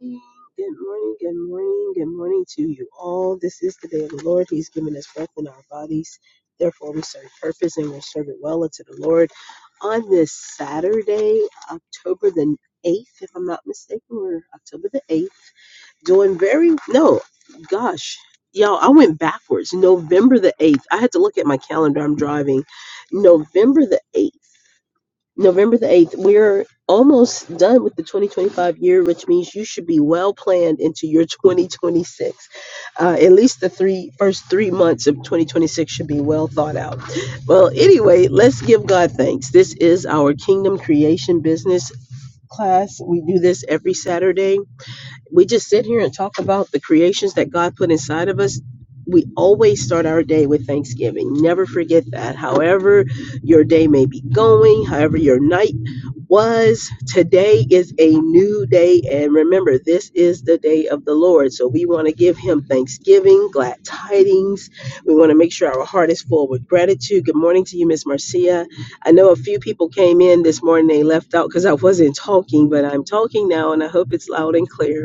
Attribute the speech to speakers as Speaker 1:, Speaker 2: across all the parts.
Speaker 1: morning, good morning, good morning, good morning to you all. This is the day of the Lord. He's given us breath in our bodies. Therefore, we serve purpose and we'll serve it well unto the Lord. On this Saturday, October the 8th, if I'm not mistaken, we're October the 8th, doing very, no, gosh, y'all, I went backwards. November the 8th. I had to look at my calendar. I'm driving. November the 8th. November the 8th, we're almost done with the 2025 year, which means you should be well planned into your 2026. Uh, at least the three first three months of 2026 should be well thought out. Well, anyway, let's give God thanks. This is our Kingdom Creation Business class. We do this every Saturday we just sit here and talk about the creations that God put inside of us. We always start our day with Thanksgiving. Never forget that. However, your day may be going, however, your night was, today is a new day. And remember, this is the day of the Lord. So we want to give Him thanksgiving, glad tidings. We want to make sure our heart is full with gratitude. Good morning to you, Miss Marcia. I know a few people came in this morning, they left out because I wasn't talking, but I'm talking now and I hope it's loud and clear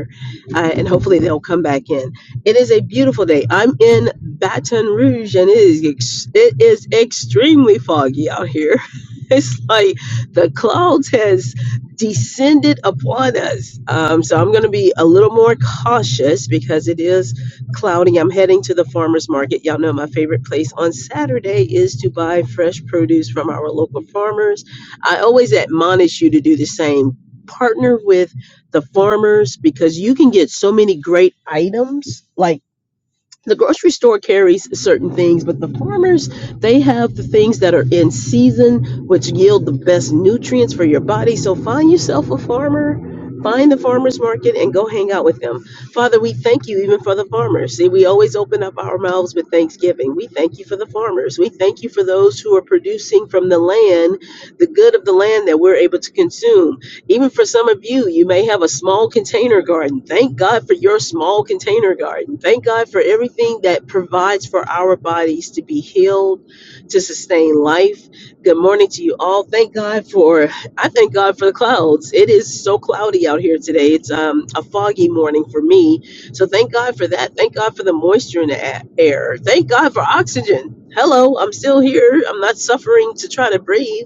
Speaker 1: uh, and hopefully they'll come back in. It is a beautiful day. I'm in Baton Rouge, and it is ex- it is extremely foggy out here. It's like the clouds has descended upon us. Um, so I'm going to be a little more cautious because it is cloudy. I'm heading to the farmers market. Y'all know my favorite place on Saturday is to buy fresh produce from our local farmers. I always admonish you to do the same. Partner with the farmers because you can get so many great items like the grocery store carries certain things but the farmers they have the things that are in season which yield the best nutrients for your body so find yourself a farmer find the farmers market and go hang out with them father we thank you even for the farmers see we always open up our mouths with thanksgiving we thank you for the farmers we thank you for those who are producing from the land the good of the land that we're able to consume even for some of you, you may have a small container garden. Thank God for your small container garden. Thank God for everything that provides for our bodies to be healed, to sustain life. Good morning to you all. Thank God for I thank God for the clouds. It is so cloudy out here today. It's um, a foggy morning for me. So thank God for that. Thank God for the moisture in the a- air. Thank God for oxygen. Hello, I'm still here. I'm not suffering to try to breathe.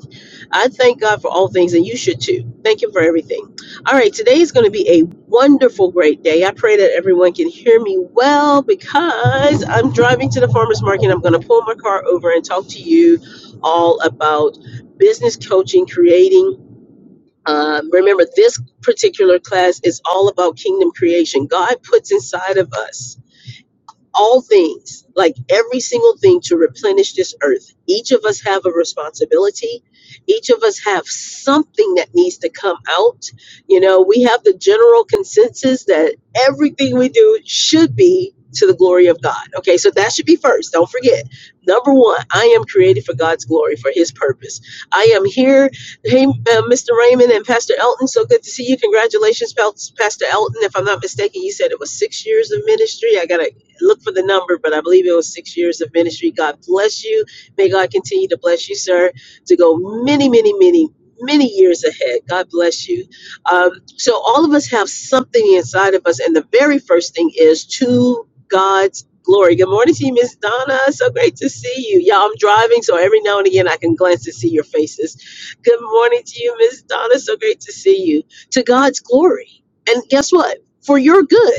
Speaker 1: I thank God for all things, and you should too. Thank Him for everything. All right, today is going to be a wonderful, great day. I pray that everyone can hear me well because I'm driving to the farmer's market. And I'm going to pull my car over and talk to you all about business coaching, creating. Um, remember, this particular class is all about kingdom creation. God puts inside of us all things, like every single thing to replenish this earth. Each of us have a responsibility. Each of us have something that needs to come out. You know, we have the general consensus that everything we do should be to the glory of God. Okay, so that should be first. Don't forget. Number one, I am created for God's glory, for His purpose. I am here. Hey, uh, Mr. Raymond and Pastor Elton, so good to see you. Congratulations, Pas- Pastor Elton. If I'm not mistaken, you said it was six years of ministry. I got to look for the number, but I believe it was six years of ministry. God bless you. May God continue to bless you, sir, to go many, many, many, many years ahead. God bless you. Um, so, all of us have something inside of us, and the very first thing is to God's glory. Good morning to you, Miss Donna. So great to see you. Yeah, I'm driving, so every now and again I can glance to see your faces. Good morning to you, Miss Donna. So great to see you. To God's glory. And guess what? For your good.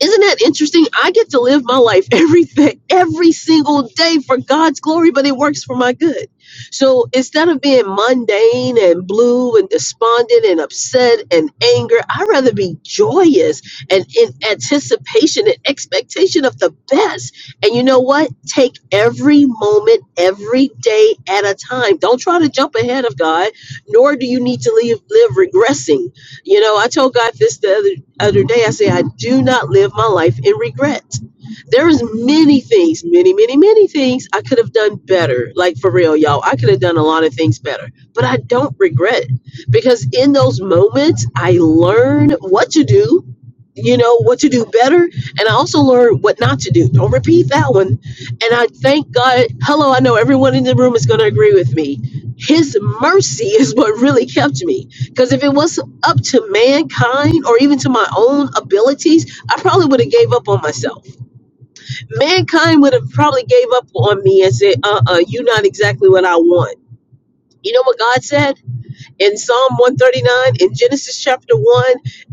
Speaker 1: Isn't that interesting? I get to live my life every day, every single day for God's glory, but it works for my good. So instead of being mundane and blue and despondent and upset and anger, I'd rather be joyous and in anticipation and expectation of the best. And you know what? Take every moment, every day at a time. Don't try to jump ahead of God, nor do you need to live, live regressing. You know, I told God this the other other day i say i do not live my life in regret there is many things many many many things i could have done better like for real y'all i could have done a lot of things better but i don't regret it because in those moments i learn what to do you know what to do better and i also learn what not to do don't repeat that one and i thank god hello i know everyone in the room is going to agree with me his mercy is what really kept me because if it was up to mankind or even to my own abilities, I probably would have gave up on myself. Mankind would have probably gave up on me and said, "Uh-uh, you're not exactly what I want." You know what God said in Psalm 139, in Genesis chapter 1,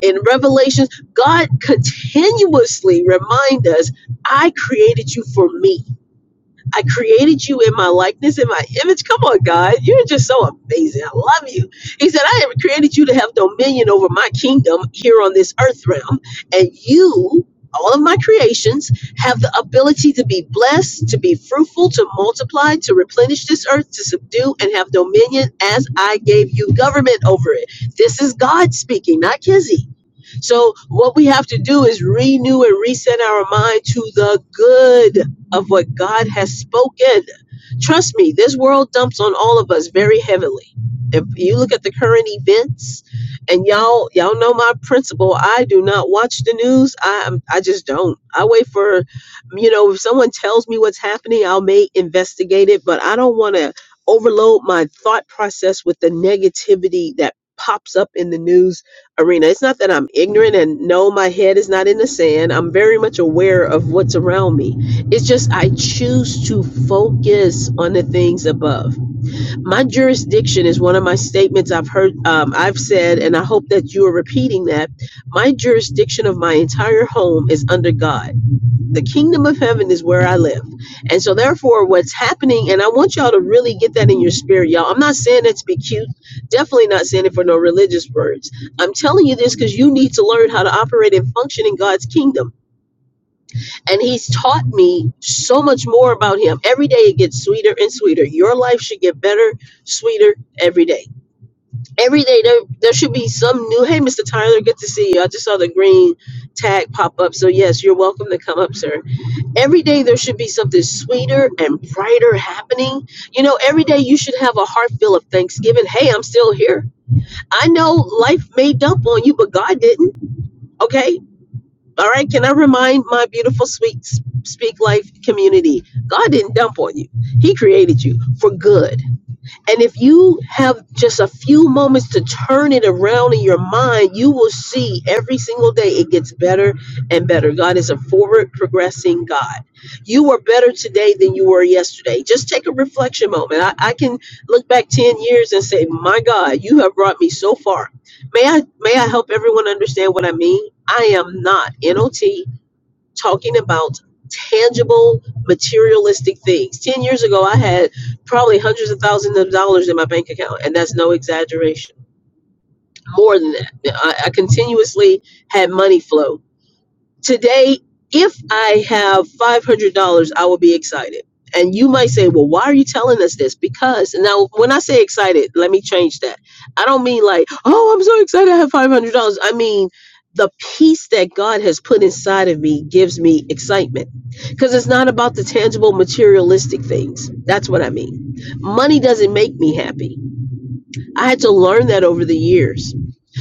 Speaker 1: in Revelations, God continuously remind us, "I created you for me." I created you in my likeness, in my image. Come on, God. You're just so amazing. I love you. He said, I have created you to have dominion over my kingdom here on this earth realm. And you, all of my creations, have the ability to be blessed, to be fruitful, to multiply, to replenish this earth, to subdue, and have dominion as I gave you government over it. This is God speaking, not Kizzy. So, what we have to do is renew and reset our mind to the good of what God has spoken. Trust me, this world dumps on all of us very heavily. If you look at the current events, and y'all y'all know my principle, I do not watch the news. I am I just don't. I wait for, you know, if someone tells me what's happening, I'll may investigate it, but I don't want to overload my thought process with the negativity that pops up in the news arena. It's not that I'm ignorant and no, my head is not in the sand. I'm very much aware of what's around me. It's just I choose to focus on the things above. My jurisdiction is one of my statements I've heard, um, I've said, and I hope that you are repeating that. My jurisdiction of my entire home is under God the kingdom of heaven is where I live. And so, therefore, what's happening, and I want y'all to really get that in your spirit, y'all. I'm not saying that to be cute, definitely not saying it for no religious words. I'm telling you this because you need to learn how to operate and function in God's kingdom. And He's taught me so much more about Him. Every day it gets sweeter and sweeter. Your life should get better, sweeter every day. Every day there, there should be some new. Hey, Mr. Tyler, good to see you. I just saw the green tag pop up. So, yes, you're welcome to come up, sir Every day there should be something sweeter and brighter happening. You know, every day you should have a heart full of thanksgiving. Hey, I'm still here. I know life may dump on you, but God didn't. Okay. All right. Can I remind my beautiful, sweet Speak Life community? God didn't dump on you, He created you for good. And if you have just a few moments to turn it around in your mind, you will see every single day it gets better and better. God is a forward progressing God. You are better today than you were yesterday. Just take a reflection moment. I, I can look back 10 years and say, My God, you have brought me so far. May I may I help everyone understand what I mean? I am not NOT talking about tangible materialistic things 10 years ago i had probably hundreds of thousands of dollars in my bank account and that's no exaggeration more than that i, I continuously had money flow Today, if I have $500, I will be excited. And you might say, well, why are you telling us this? Because now, when I say excited, let me change that. I don't mean like, oh, I'm so excited I have $500. I mean, the peace that God has put inside of me gives me excitement because it's not about the tangible materialistic things. That's what I mean. Money doesn't make me happy. I had to learn that over the years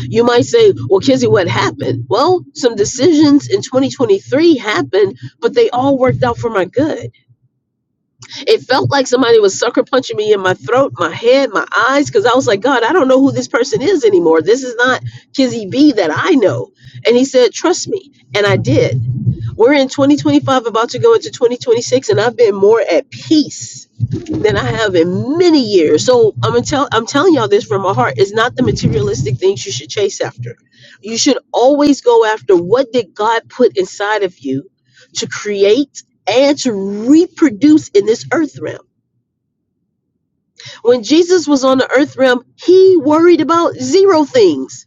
Speaker 1: you might say, well, Kizzy, what happened? Well, some decisions in 2023 happened, but they all worked out for my good. It felt like somebody was sucker punching me in my throat, my head, my eyes, because I was like, God, I don't know who this person is anymore. This is not Kizzy B that I know. And he said, trust me. And I did. We're in 2025, about to go into 2026, and I've been more at peace than I have in many years. So I'm gonna tell I'm telling y'all this from my heart. It's not the materialistic things you should chase after. You should always go after what did God put inside of you to create and to reproduce in this earth realm. When Jesus was on the earth realm, he worried about zero things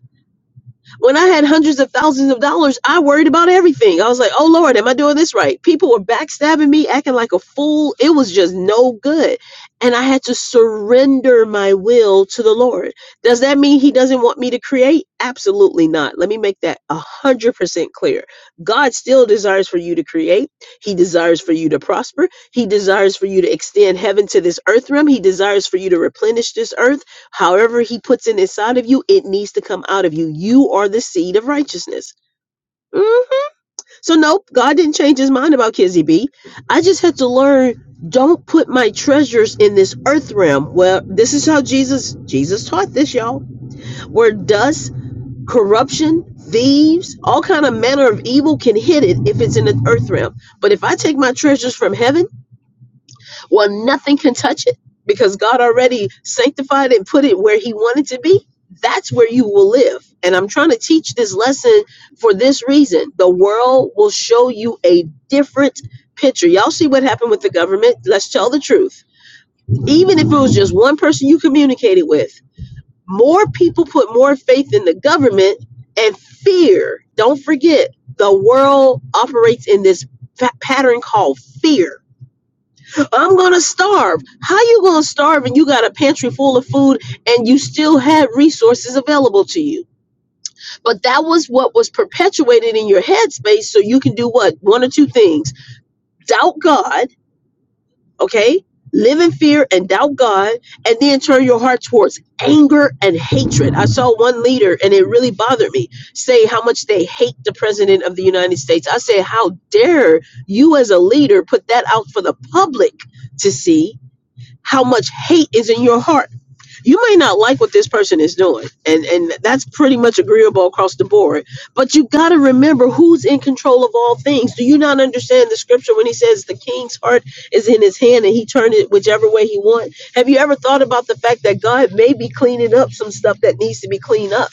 Speaker 1: when I had hundreds of thousands of dollars, I worried about everything. I was like, oh Lord, am I doing this right? People were backstabbing me, acting like a fool. It was just no good. And I had to surrender my will to the Lord. Does that mean He doesn't want me to create? Absolutely not. Let me make that a 100% clear. God still desires for you to create, He desires for you to prosper, He desires for you to extend heaven to this earth realm, He desires for you to replenish this earth. However, he puts it inside of you, it needs to come out of you. You are the seed of righteousness. Mhm. So, nope, God didn't change his mind about Kizzy B. I just had to learn don't put my treasures in this earth realm. Well, this is how Jesus Jesus taught this, y'all. Where dust, corruption, thieves, all kind of manner of evil can hit it if it's in the earth realm. But if I take my treasures from heaven, well, nothing can touch it because God already sanctified and put it where He wanted to be. That's where you will live. And I'm trying to teach this lesson for this reason. The world will show you a different picture. Y'all see what happened with the government? Let's tell the truth. Even if it was just one person you communicated with, more people put more faith in the government and fear. Don't forget, the world operates in this fa- pattern called fear I'm gonna starve. How you gonna starve and you got a pantry full of food and you still had resources available to you? But that was what was perpetuated in your headspace, so you can do what? One or two things. Doubt God, okay? Live in fear and doubt God, and then turn your heart towards anger and hatred. I saw one leader, and it really bothered me, say how much they hate the president of the United States. I say, How dare you, as a leader, put that out for the public to see? how much hate is in your heart. You may not like what this person is doing, and and that's pretty much agreeable across the board. But you got to remember who's in control of all things. Do you not understand the scripture when he says the king's heart is in his hand and he turned it whichever way he want? Have you ever thought about the fact that God may be cleaning up some stuff that needs to be cleaned up?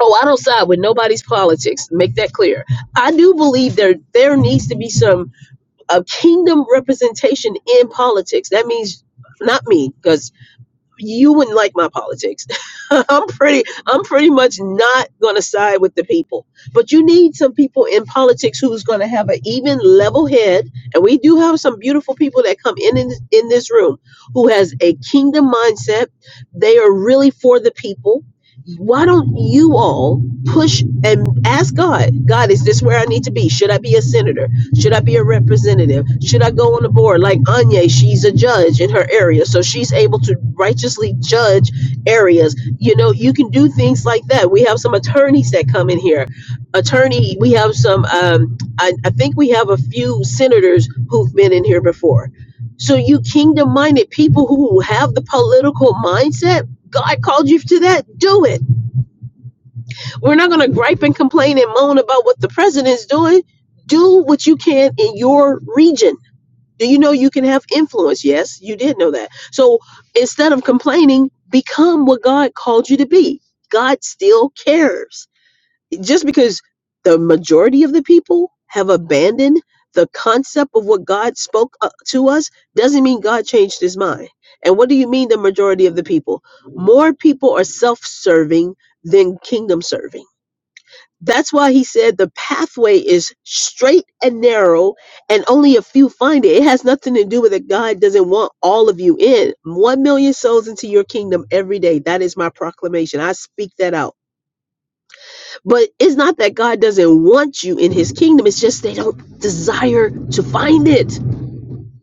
Speaker 1: Oh, I don't side with nobody's politics. Make that clear. I do believe there there needs to be some a kingdom representation in politics. That means not me, because you wouldn't like my politics. I'm pretty I'm pretty much not going to side with the people. But you need some people in politics who's going to have an even level head and we do have some beautiful people that come in in, in this room who has a kingdom mindset. They are really for the people. Why don't you all push and ask God, God, is this where I need to be? Should I be a senator? Should I be a representative? Should I go on the board? Like Anya, she's a judge in her area, so she's able to righteously judge areas. You know, you can do things like that. We have some attorneys that come in here. Attorney, we have some, um, I, I think we have a few senators who've been in here before. So, you kingdom minded people who have the political mindset, God called you to that, do it we're not going to gripe and complain and moan about what the president's doing. Do what you can in your region. Do you know you can have influence? Yes, you did know that. So instead of complaining, become what God called you to be. God still cares. Just because the majority of the people have abandoned the concept of what God spoke uh, to us doesn't mean God changed his mind. And what do you mean the majority of the people? More people are self serving than kingdom serving that's why he said the pathway is straight and narrow, and only a few find it. It has nothing to do with that God doesn't want all of you in. One million souls into your kingdom every day. That is my proclamation. I speak that out. But it's not that God doesn't want you in his kingdom, it's just they don't desire to find it.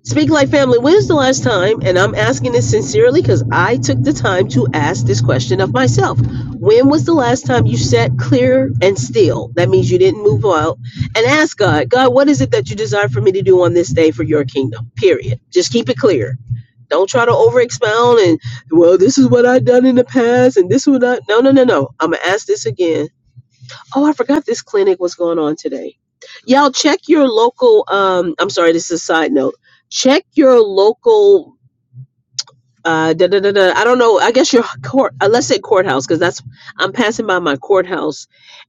Speaker 1: Speak Like Family, when's the last time, and I'm asking this sincerely because I took the time to ask this question of myself. When was the last time you sat clear and still? That means you didn't move out and ask God, God, what is it that you desire for me to do on this day for your kingdom? Period. Just keep it clear. Don't try to over expound and, well, this is what I've done in the past and this is not. No, no, no, no. I'm going to ask this again Oh, I forgot this clinic was going on today. Y'all check your local um I'm sorry, this is a side note. Check your local uh da, da, da, da, I don't know. I guess your court uh, let's say courthouse cuz that's I'm passing by my courthouse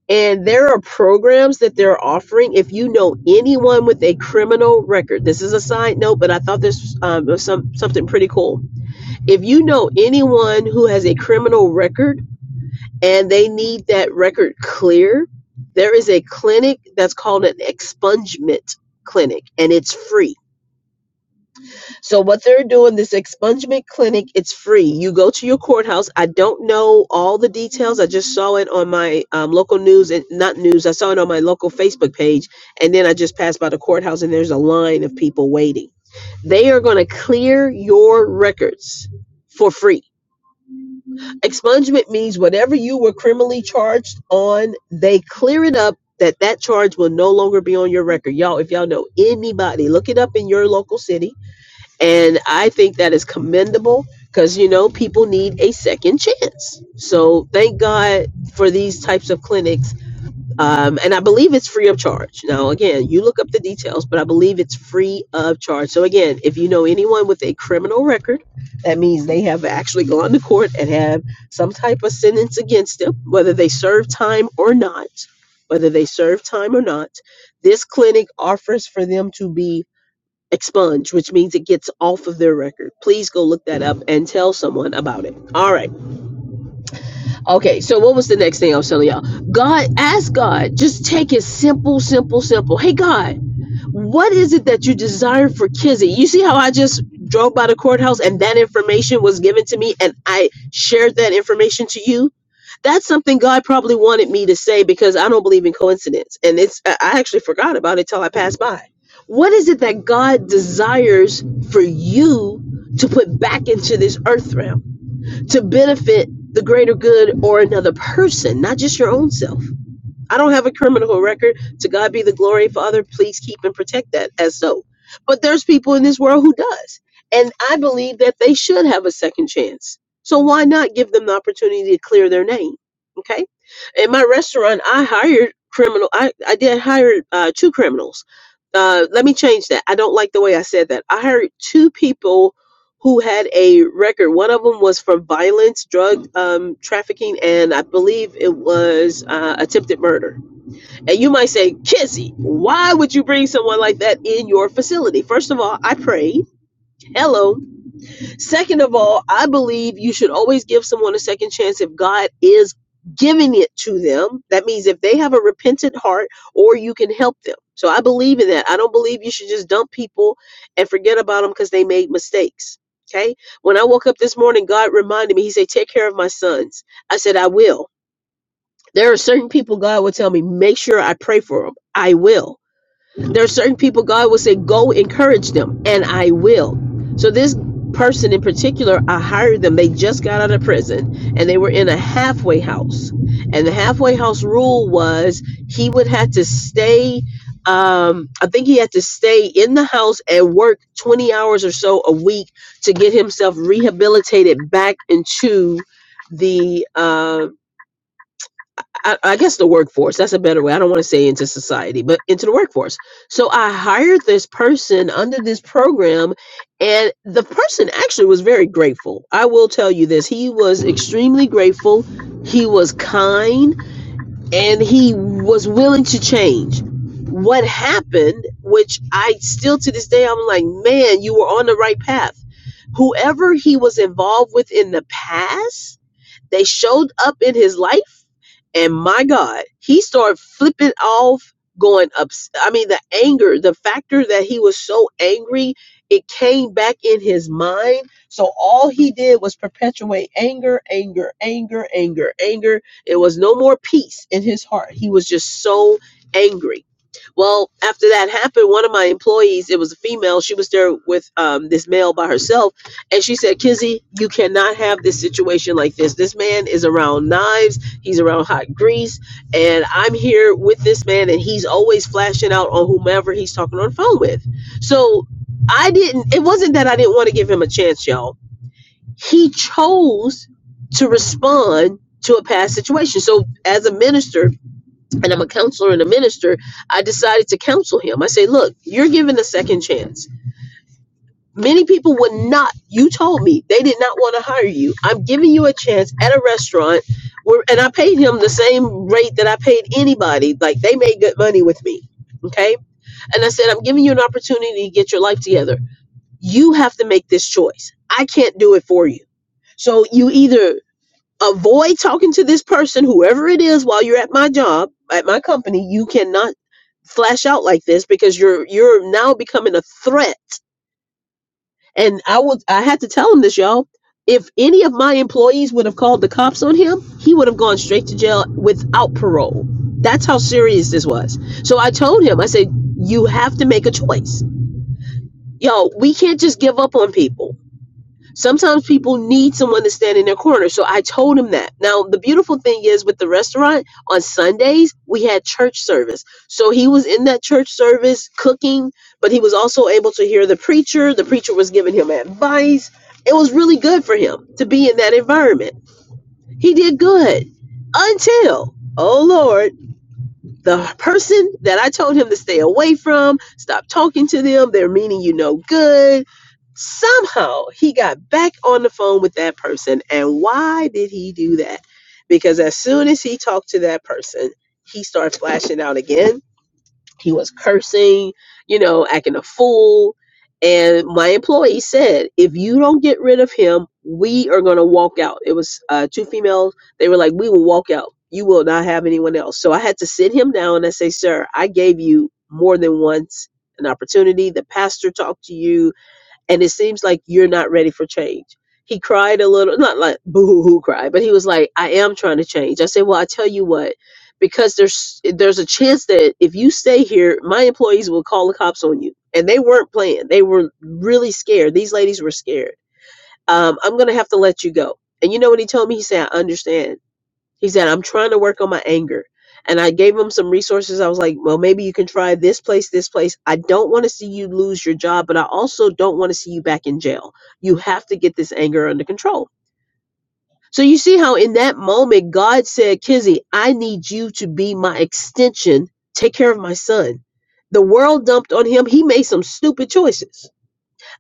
Speaker 1: and there are programs that they're offering if you know anyone with a criminal record. This is a side note, but I thought this um, was some something pretty cool. If you know anyone who has a criminal record and they need that record clear, there is a clinic that's called an expungement clinic and it's free. So what they're doing this expungement clinic, it's free. You go to your courthouse. I don't know all the details. I just saw it on my um, local news and not news. I saw it on my local Facebook page and then I just passed by the courthouse and there's a line of people waiting. They are going to clear your records for free Expungement means whatever you were criminally charged on, they clear it up that that charge will no longer be on your record. Y'all, if y'all know anybody, look it up in your local city. And I think that is commendable because, you know, people need a second chance. So thank God for these types of clinics um, and I believe it's free of charge. Now, again, you look up the details, but I believe it's free of charge. So, again, if you know anyone with a criminal record, that means they have actually gone to court and have some type of sentence against them, whether they serve time or not. Whether they serve time or not, this clinic offers for them to be expunged, which means it gets off of their record. Please go look that up and tell someone about it. All right. Okay, so what was the next thing I was telling y'all? God, ask God, just take it simple, simple, simple. Hey, God, what is it that you desire for Kizzy? You see how I just drove by the courthouse and that information was given to me and I shared that information to you? That's something God probably wanted me to say because I don't believe in coincidence. And it's, I I actually forgot about it till I passed by. What is it that God desires for you to put back into this earth realm? to benefit the greater good or another person, not just your own self. I don't have a criminal record. To God be the glory, Father. Please keep and protect that as so. But there's people in this world who does. And I believe that they should have a second chance. So why not give them the opportunity to clear their name? Okay. In my restaurant, I hired criminal. I, I did hire uh, two criminals. Uh, let me change that. I don't like the way I said that. I hired two people who had a record. One of them was for violence, drug um, trafficking, and I believe it was uh, attempted murder. And you might say, Kizzy, why would you bring someone like that in your facility? First of all, I prayed. Hello. Second of all, I believe you should always give someone a second chance if God is giving it to them. That means if they have a repentant heart or you can help them. So I believe in that. I don't believe you should just dump people and forget about them because they made mistakes. Okay. When I woke up this morning, God reminded me, He said, Take care of my sons. I said, I will. There are certain people God will tell me, Make sure I pray for them. I will there are certain people God will say, Go encourage them, and I will. So this person in particular, I hired them. They just got out of prison and they were in a halfway house. And the halfway house rule was he would have to stay, um, I think he had to stay in the house and work 20 hours or so a week to get himself rehabilitated back into the uh, I, I guess the workforce that's a better way i don't want to say into society but into the workforce so i hired this person under this program and the person actually was very grateful i will tell you this he was extremely grateful he was kind and he was willing to change what happened which i still to this day i'm like man you were on the right path whoever he was involved with in the past they showed up in his life and my God, he started flipping off, going up. I mean, the anger, the factor that he was so angry, it came back in his mind. So all he did was perpetuate anger, anger, anger, anger, anger. It was no more peace in his heart. He was just so angry. Well, after that happened, one of my employees, it was a female, she was there with um, this male by herself, and she said, Kizzy, you cannot have this situation like this. This man is around knives He's around hot grease, and I'm here with this man, and he's always flashing out on whomever he's talking on the phone with. So I didn't. It wasn't that I didn't want to give him a chance, y'all. He chose to respond to a past situation. So as a minister, and I'm a counselor and a minister, I decided to counsel him. I say, look, you're given a second chance many people would not you told me they did not want to hire you i'm giving you a chance at a restaurant where, and i paid him the same rate that i paid anybody like they made good money with me okay and i said i'm giving you an opportunity to get your life together you have to make this choice i can't do it for you so you either avoid talking to this person whoever it is while you're at my job at my company you cannot flash out like this because you're you're now becoming a threat and I was I had to tell him this, y'all. If any of my employees would have called the cops on him, he would have gone straight to jail without parole. That's how serious this was. So I told him, I said, you have to make a choice. Yo, we can't just give up on people Sometimes people need someone to stand in their corner. So I told him that. Now, the beautiful thing is with the restaurant, on Sundays, we had church service. So he was in that church service cooking, but he was also able to hear the preacher. The preacher was giving him advice. It was really good for him to be in that environment. He did good until, oh Lord the person that I told him to stay away from, stop talking to them, they're meaning you no good. Somehow he got back on the phone with that person. And why did he do that? Because as soon as he talked to that person, he started flashing out again he was cursing, you know, acting a fool. And my employee said, if you don't get rid of him, we are going to walk out. It was uh, two females. They were like, we will walk out. You will not have anyone else. So I had to sit him down and I say, sir, I gave you more than once an opportunity. The pastor talked to you and it seems like you're not ready for change. He cried a little, not like boo hoo hoo cry, but he was like, I am trying to change. I said, Well, I tell you what, because there's there's a chance that if you stay here, my employees will call the cops on you. And they weren't playing. They were really scared. These ladies were scared. Um, I'm gonna have to let you go. And you know what he told me? He said, I understand he said, I'm trying to work on my anger. And I gave him some resources. I was like, well, maybe you can try this place, this place. I don't want to see you lose your job, but I also don't want to see you back in jail. You have to get this anger under control. So you see how in that moment, God said, Kizzy, I need you to be my extension. Take care of my son. The world dumped on him. He made some stupid choices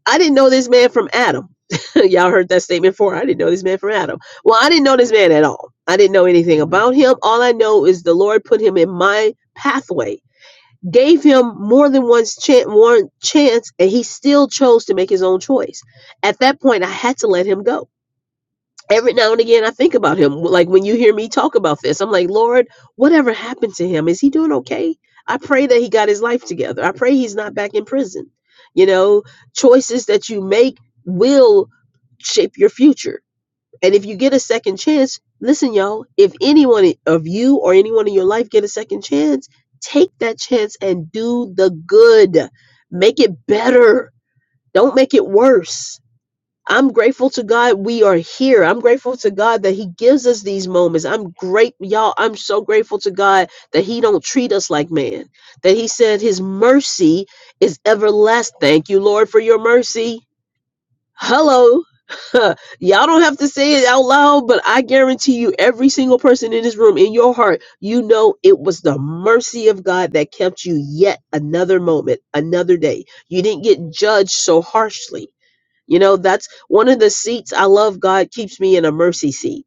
Speaker 1: I didn't know this man from Adam. Y'all heard that statement before. I didn't know this man from Adam. Well, I didn't know this man at all. I didn't know anything about him. All I know is the Lord put him in my pathway, gave him more than once chance, one chance, and he still chose to make his own choice. At that point, I had to let him go every now and again I think about him. Like when you hear me talk about this, I'm like, Lord, whatever happened to him? Is he doing okay? I pray that he got his life together. I pray he's not back in prison. You know, choices that you make will shape your future. And if you get a second chance, listen, y'all, if anyone of you or anyone in your life get a second chance, take that chance and do the good. Make it better. Don't make it worse I'm grateful to God we are here. I'm grateful to God that He gives us these moments. I'm great, y'all. I'm so grateful to God that He don't treat us like man. That He said His mercy is everlasting. Thank you, Lord, for your mercy. Hello. y'all don't have to say it out loud, but I guarantee you, every single person in this room, in your heart, you know it was the mercy of God that kept you yet another moment, another day. You didn't get judged so harshly you know, that's one of the seats I love. God keeps me in a mercy seat.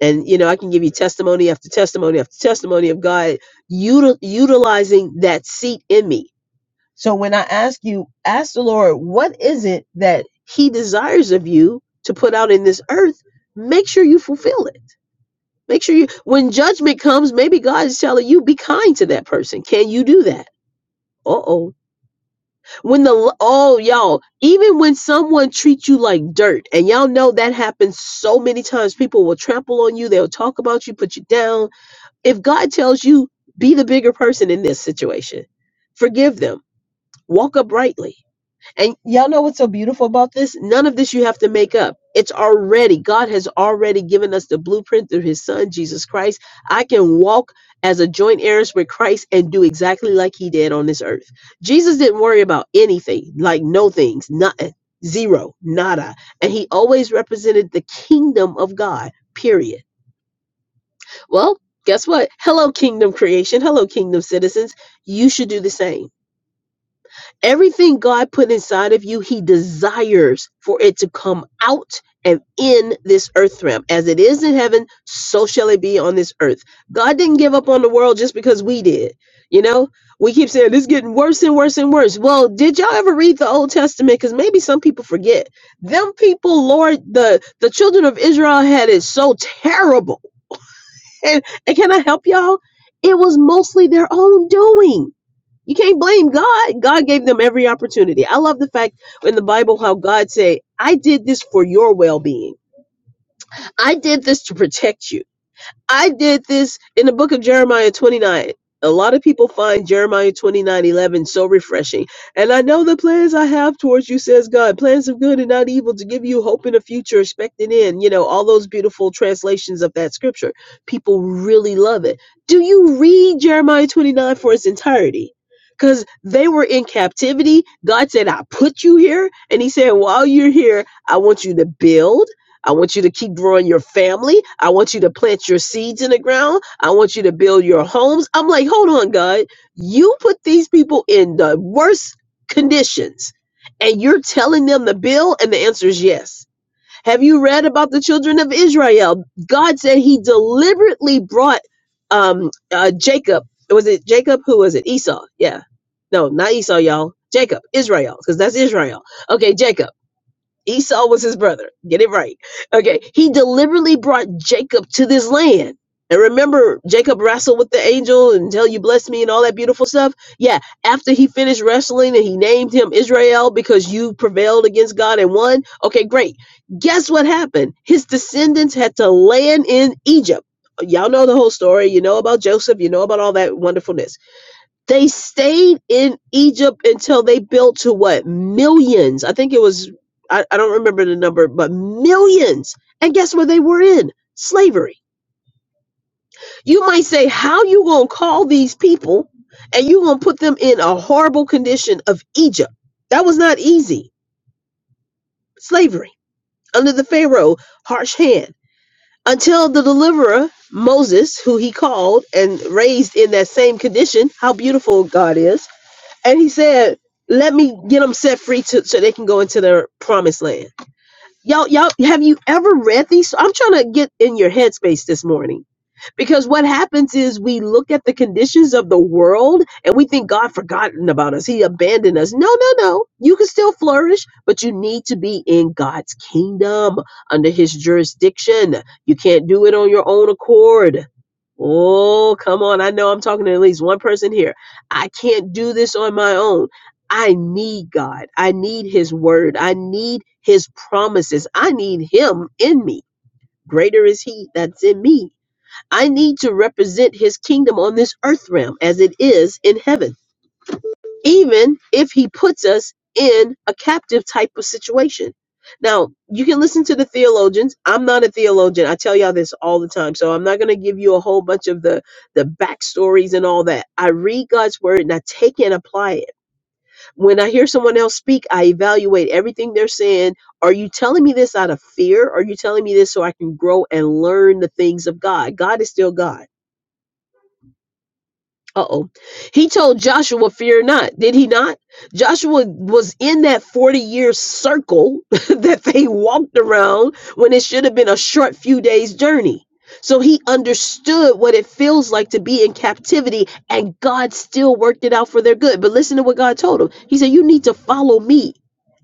Speaker 1: And, you know, I can give you testimony after testimony after testimony of God util- utilizing that seat in me. So when I ask you, ask the Lord, what is it that He desires of you to put out in this earth? Make sure you fulfill it. Make sure you, when judgment comes, maybe God is telling you, be kind to that person. Can you do that? Uh oh when the oh y'all even when someone treats you like dirt and y'all know that happens so many times people will trample on you they'll talk about you put you down if god tells you be the bigger person in this situation forgive them walk uprightly and y'all know what's so beautiful about this? None of this you have to make up. It's already, God has already given us the blueprint through his son, Jesus Christ. I can walk as a joint heiress with Christ and do exactly like he did on this earth. Jesus didn't worry about anything, like no things, nothing, zero, nada. And he always represented the kingdom of God, period. Well, guess what? Hello, kingdom creation. Hello, kingdom citizens. You should do the same. Everything God put inside of you, He desires for it to come out and in this earth realm. As it is in heaven, so shall it be on this earth. God didn't give up on the world just because we did. You know, we keep saying this is getting worse and worse and worse. Well, did y'all ever read the Old Testament? Because maybe some people forget. Them people, Lord, the, the children of Israel had it so terrible. And, and can I help y'all? It was mostly their own doing you can't blame God. God gave them every opportunity. I love the fact in the Bible how God say, "I did this for your well-being. I did this to protect you." I did this in the book of Jeremiah 29. A lot of people find Jeremiah 29 11 so refreshing. And I know the plans I have towards you, says God, plans of good and not evil to give you hope in a future, expecting in, you know, all those beautiful translations of that scripture. People really love it. Do you read Jeremiah 29 for its entirety? Because they were in captivity. God said, I put you here. And he said, while you're here, I want you to build. I want you to keep growing your family. I want you to plant your seeds in the ground. I want you to build your homes. I'm like, hold on, God. You put these people in the worst conditions and you're telling them to build? And the answer is yes. Have you read about the children of Israel? God said he deliberately brought um, uh, Jacob. Was it Jacob? Who was it? Esau. Yeah. No, not Esau, y'all. Jacob, Israel, because that's Israel. Okay, Jacob. Esau was his brother. Get it right. Okay. He deliberately brought Jacob to this land. And remember, Jacob wrestled with the angel and tell you bless me and all that beautiful stuff. Yeah. After he finished wrestling and he named him Israel because you prevailed against God and won. Okay, great. Guess what happened? His descendants had to land in Egypt. Y'all know the whole story. You know about Joseph. You know about all that wonderfulness. They stayed in Egypt until they built to what? Millions. I think it was, I, I don't remember the number, but millions. And guess what they were in? Slavery. You might say, how you going to call these people and you going to put them in a horrible condition of Egypt? That was not easy. Slavery under the Pharaoh, harsh hand. Until the deliverer, Moses, who he called and raised in that same condition, how beautiful God is and he said, "Let me get them set free to, so they can go into their promised land." Y'all, y'all, have you ever read these? I'm trying to get in your headspace this morning. Because what happens is we look at the conditions of the world and we think God forgotten about us. He abandoned us. No, no, no. You can still flourish, but you need to be in God's kingdom under his jurisdiction. You can't do it on your own accord. Oh, come on. I know I'm talking to at least one person here. I can't do this on my own. I need God. I need his word. I need his promises. I need him in me. Greater is he that's in me I need to represent his kingdom on this earth realm as it is in heaven, even if he puts us in a captive type of situation. Now, you can listen to the theologians. I'm not a theologian. I tell y'all this all the time. So I'm not going to give you a whole bunch of the, the backstories and all that. I read God's word and I take and apply it. When I hear someone else speak, I evaluate everything they're saying. Are you telling me this out of fear? Are you telling me this so I can grow and learn the things of God? God is still God. Uh-oh. He told Joshua, fear not, did he not? Joshua was in that 40-year circle that they walked around when it should have been a short few days journey. So he understood what it feels like to be in captivity, and God still worked it out for their good. But listen to what God told him. He said, You need to follow me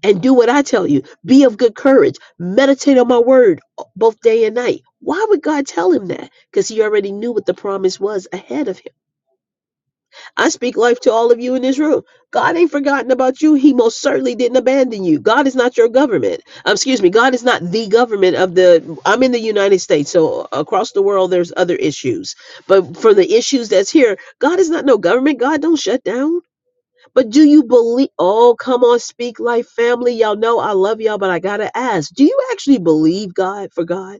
Speaker 1: and do what I tell you. Be of good courage. Meditate on my word both day and night. Why would God tell him that? Because he already knew what the promise was ahead of him. I speak life to all of you in this room. God ain't forgotten about you. He most certainly didn't abandon you. God is not your government. Um, excuse me. God is not the government of the. I'm in the United States, so across the world there's other issues. But for the issues that's here, God is not no government. God don't shut down. But do you believe? Oh, come on, speak life, family. Y'all know I love y'all, but I gotta ask: Do you actually believe God for God?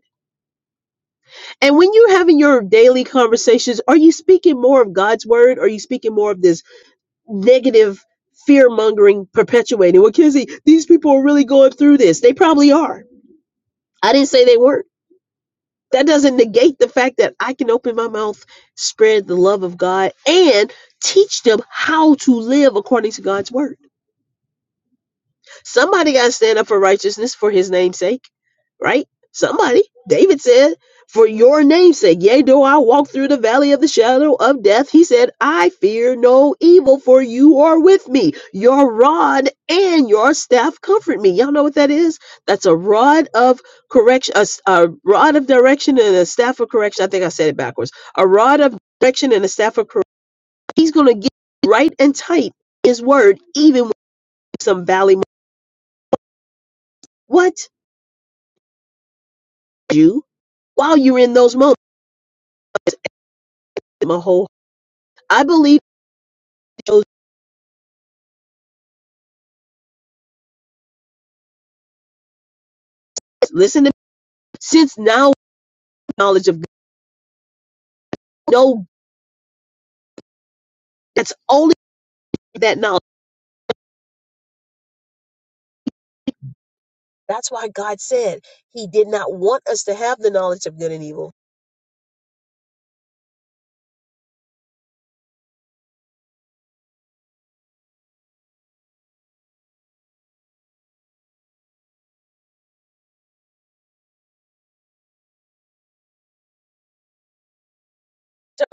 Speaker 1: And when you're having your daily conversations, are you speaking more of God's word? Or are you speaking more of this? negative fear mongering perpetuating. Well, Kizzy, these people are really going through this. They probably are. I didn't say they weren't. That doesn't negate the fact that I can open my mouth, spread the love of God, and teach them how to live according to God's word. Somebody got to stand up for righteousness for his name's sake, right? Somebody. David said, For your name's sake, yea, though I walk through the valley of the shadow of death, he said, I fear no evil, for you are with me. Your rod and your staff comfort me. Y'all know what that is? That's a rod of correction, a, s- a rod of direction and a staff of correction. I think I said it backwards. A rod of direction and a staff of correction. He's going to get right and tight his word, even with some valley. What? you while you're in those moments. My whole I believe it listen to me. Since now knowledge of God, no that's only that knowledge. That's why God said He did not want us to have the knowledge of good and evil.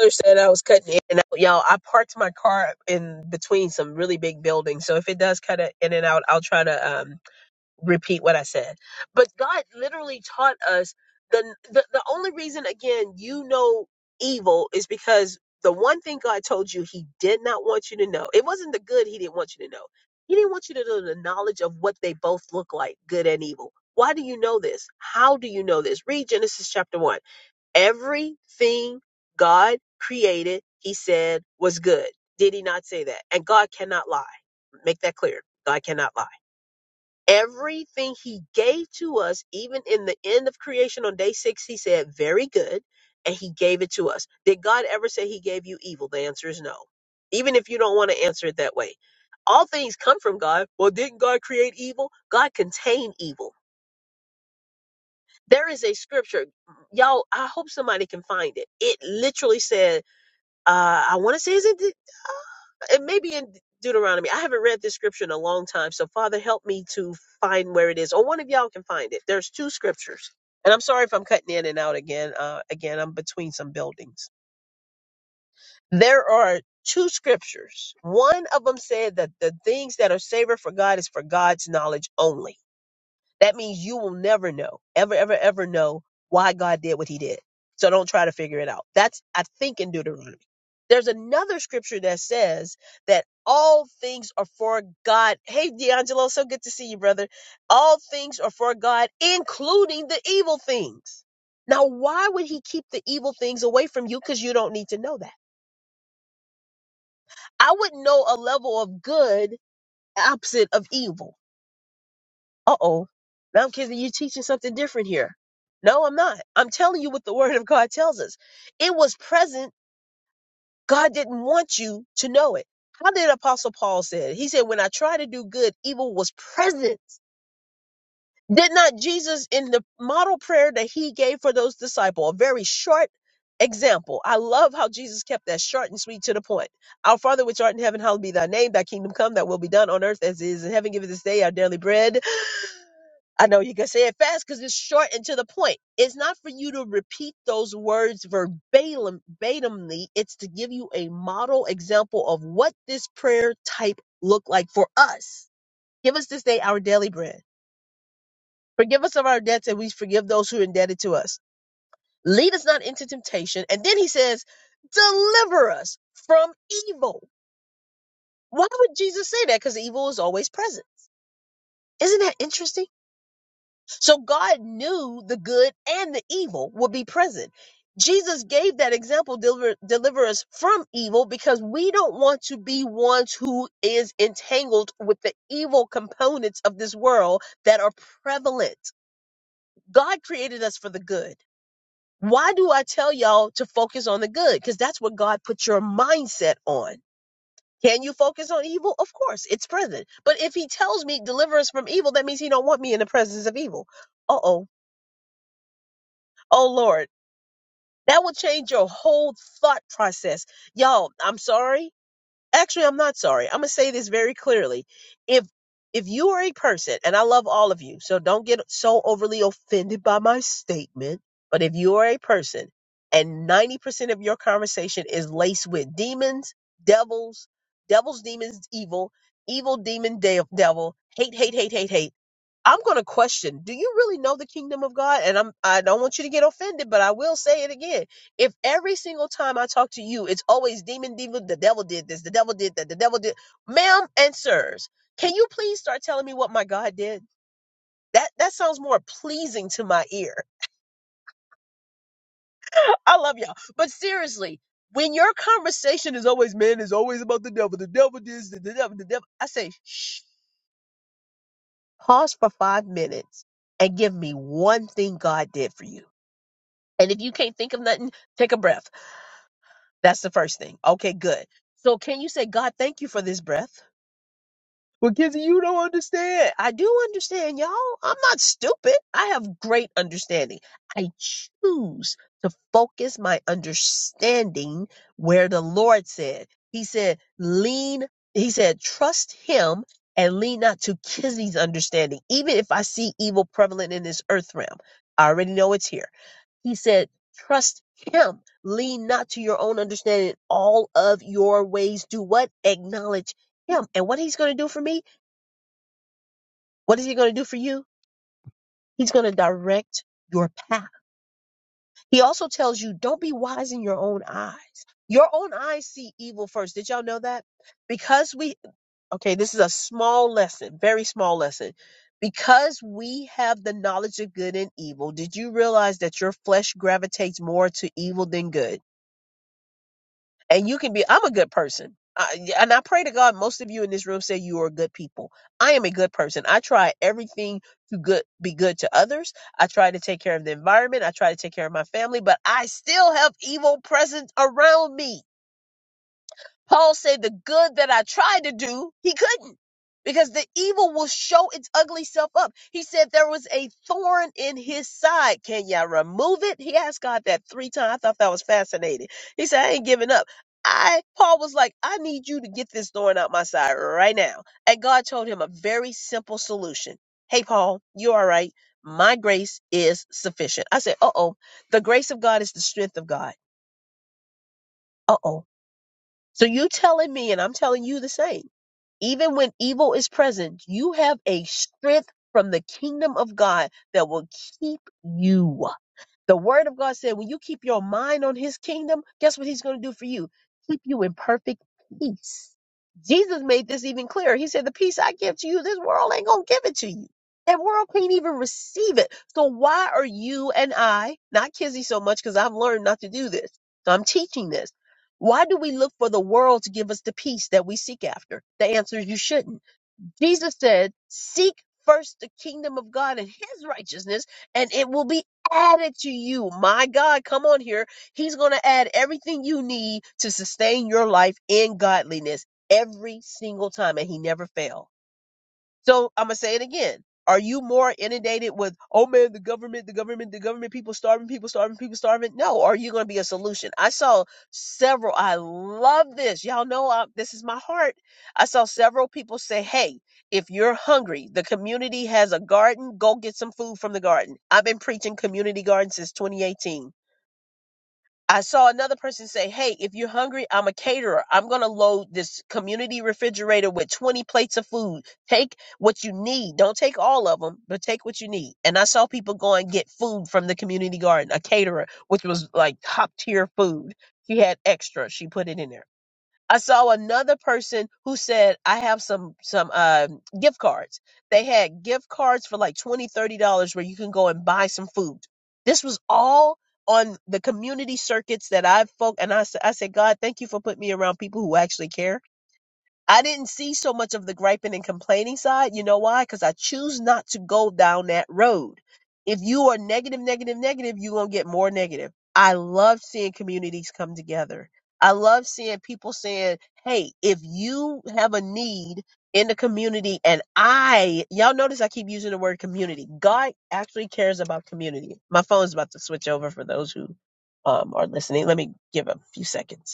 Speaker 1: Tyler said I was cutting in and out. Y'all, I parked my car in between some really big buildings. So if it does cut it in and out, I'll try to um repeat what I said. But God literally taught us the, the the only reason again you know evil is because the one thing God told you he did not want you to know. It wasn't the good he didn't want you to know. He didn't want you to know the knowledge of what they both look like, good and evil. Why do you know this? How do you know this? Read Genesis chapter 1. Everything God created, he said was good. Did he not say that? And God cannot lie. Make that clear. God cannot lie everything he gave to us, even in the end of creation on day six, he said, Very good. And he gave it to us. Did God ever say he gave you evil? The answer is no. Even if you don't want to answer it that way, all things come from God. Well, didn't God create evil? God contained evil. There is a scripture, y'all. I hope somebody can find it. It literally said, uh, I want to say, is it? it may be in Deuteronomy. I haven't read this scripture in a long time. So, Father, help me to find where it is, or one of y'all can find it. There's two scriptures, and I'm sorry if I'm cutting in and out again. Uh, again, I'm between some buildings. There are two scriptures. One of them said that the things that are savored for God is for God's knowledge only. That means you will never know, ever, ever, ever know why God did what he did. So don't try to figure it out. That's, I think, in Deuteronomy. There's another scripture that says that all things are for God. Hey, D'Angelo, so good to see you, brother. All things are for God, including the evil things. Now, why would he keep the evil things away from you? Because you don't need to know that. I wouldn't know a level of good opposite of evil. uh oh, now I'm kidding. you teaching something different here. No, I'm not. I'm telling you what the word of God tells us. It was present. God didn't want you to know it. How did Apostle Paul say it? He said, When I try to do good, evil was present. Did not Jesus in the model prayer that he gave for those disciples, a very short example. I love how Jesus kept that short and sweet to the point. Our Father which art in heaven, hallowed be thy name, thy kingdom come, thy will be done on earth as it is in heaven. Give us this day our daily bread I know you can say it fast because it's short and to the point. It's not for you to repeat those words verbatim, verbatimly. It's to give you a model example of what this prayer type looked like for us. Give us this day our daily bread. Forgive us of our debts and we forgive those who are indebted to us. Lead us not into temptation. And then he says, deliver us from evil. Why would Jesus say that? Because evil is always present. Isn't that interesting? So God knew the good and the evil would be present. Jesus gave that example, deliver, deliver us from evil, because we don't want to be ones who is entangled with the evil components of this world that are prevalent. God created us for the good. Why do I tell y'all to focus on the good? Because that's what God put your mindset on. Can you focus on evil? Of course, it's present. But if he tells me deliver us from evil, that means he don't want me in the presence of evil. Uh oh. Oh Lord. That will change your whole thought process. Y'all, I'm sorry. Actually, I'm not sorry. I'm going to say this very clearly. If if you are a person, and I love all of you, so don't get so overly offended by my statement, but if you are a person and 90% of your conversation is laced with demons, devils, devils, demons, evil, evil demon de- devil, hate, hate, hate, hate, hate I'm going to question, do you really know the kingdom of God? And I'm I don't want you to get offended, but I will say it again. If every single time I talk to you, it's always demon demon, the devil did this, the devil did that, the devil did ma'am and sirs, can you please start telling me what my God did? That that sounds more pleasing to my ear. I love y'all. But seriously, when your conversation is always man is always about the devil, the devil this, the devil, the devil, I say, shh, pause for five minutes and give me one thing God did for you And if you can't think of nothing, take a breath. That's the first thing. Okay, good. So can you say, God, thank you for this breath? Well, Kizzy, you don't understand. I do understand, y'all. I'm not stupid. I have great understanding. I choose to focus my understanding where the Lord said. He said, lean, he said, trust him and lean not to Kizzy's understanding, even if I see evil prevalent in this earth realm. I already know it's here. He said, Trust him. Lean not to your own understanding. All of your ways do what? Acknowledge him. And what he's going to do for me, what is he going to do for you? He's going to direct your path. He also tells you, don't be wise in your own eyes. Your own eyes see evil first. Did y'all know that? Because we, okay, this is a small lesson, very small lesson. Because we have the knowledge of good and evil, did you realize that your flesh gravitates more to evil than good? and you can be i'm a good person I, yeah, and i pray to god most of you in this room say you are good people i am a good person i try everything to good be good to others i try to take care of the environment i try to take care of my family but i still have evil presence around me Paul said, The good that I tried to do, he couldn't because the evil will show its ugly self up. He said, There was a thorn in his side. Can you remove it? He asked God that three times. I thought that was fascinating. He said, I ain't giving up. I, Paul was like, I need you to get this thorn out my side right now. And God told him a very simple solution. Hey, Paul, you all right? My grace is sufficient. I said, uh oh, the grace of God is the strength of God. Uh oh. So you telling me, and I'm telling you the same. Even when evil is present, you have a strength from the kingdom of God that will keep you. The word of God said, when you keep your mind on his kingdom, guess what he's going to do for you? Keep you in perfect peace. Jesus made this even clearer. He said, The peace I give to you, this world ain't going to give it to you. That world can't even receive it. So why are you and I, not Kizzy so much, because I've learned not to do this. So I'm teaching this. Why do we look for the world to give us the peace that we seek after? The answer is you shouldn't. Jesus said, Seek first the kingdom of God and his righteousness, and it will be added to you. My God, come on here. He's going to add everything you need to sustain your life in godliness every single time, and he never fails. So I'm gonna say it again. Are you more inundated with, oh man, the government, the government, the government, people starving, people starving, people starving? No. Or Are you gonna be a solution? I saw several. I love this. Y'all know I, this is my heart. I saw several people say, hey, if you're hungry, the community has a garden. Go get some food from the garden. I've been preaching community garden since 2018 I saw another person say, Hey, if you're hungry, I'm a caterer. I'm going to load this community refrigerator with 20 plates of food. Take what you need. Don't take all of them, but take what you need. And I saw people go and get food from the community garden, a caterer, which was like top tier food. She had extra. She put it in there. I saw another person who said, I have some some uh, gift cards. They had gift cards for like 20 dollars, $30 where you can go and buy some food. This was all on the community circuits that I folk and I, s- I said, God, thank you for putting me around people who actually care I didn't see so much of the griping and complaining side. You know why? Because I choose not to go down that road. If you are negative, negative, negative, you're going to get more negative. I love seeing communities come together. I love seeing people saying, hey, if you have a need in the community, and I, y'all notice I keep using the word community. God actually cares about community. My phone's about to switch over for those who um, are listening. Let me give a few seconds.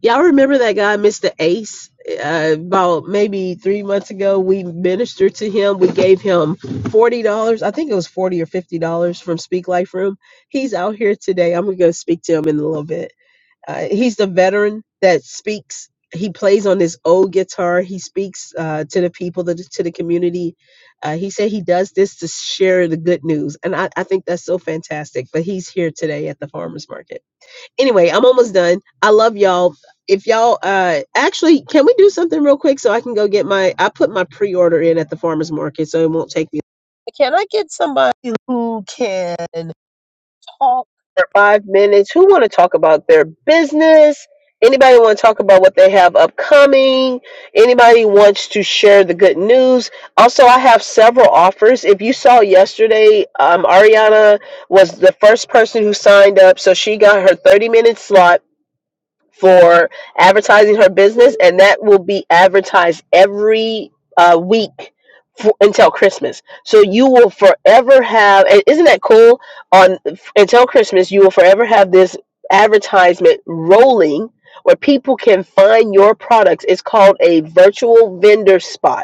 Speaker 1: Y'all remember that guy, Mr. Ace? Uh, about maybe three months ago, we ministered to him. We gave him forty dollars. I think it was forty or fifty dollars from Speak Life Room. He's out here today. I'm gonna go speak to him in a little bit. Uh, he's the veteran that speaks. He plays on his old guitar. He speaks uh, to the people, to the, to the community. Uh, he said he does this to share the good news, and I, I think that's so fantastic. But he's here today at the farmers market anyway, I'm almost done. I love y'all. If y'all uh actually can we do something real quick so I can go get my I put my pre-order in at the farmers market so it won't take me. Can I get somebody who can? talk for five minutes? Who want to talk about their business? Anybody want to talk about what they have upcoming? Anybody wants to share the good news? Also, I have several offers. If you saw yesterday, um, Ariana was the first person who signed up, so she got her 30 minute slot for advertising her business, and that will be advertised every uh, week for, until Christmas. So you will forever have, and isn't that cool? On until Christmas, you will forever have this advertisement rolling where people can find your products. It's called a virtual vendor spot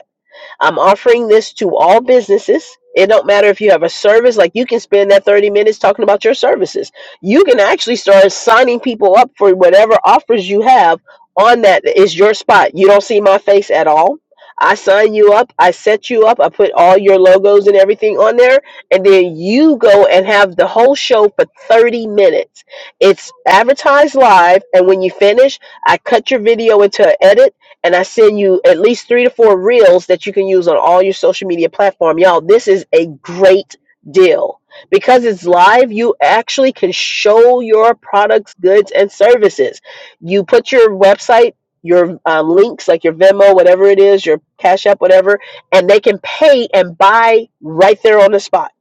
Speaker 1: I'm offering this to all businesses. It don't matter if you have a service, like you can spend that 30 minutes talking about your services. You can actually start signing people up for whatever offers you have on that is your spot. You don't see my face at all. I sign you up, I set you up, I put all your logos and everything on there, and then you go and have the whole show for 30 minutes. It's advertised live, and when you finish, I cut your video into an edit and I send you at least three to four reels that you can use on all your social media platform. Y'all, this is a great deal. Because it's live, you actually can show your products, goods, and services. You put your website, your um, links, like your Venmo, whatever it is, your Cash App, whatever, and they can pay and buy right there on the spot.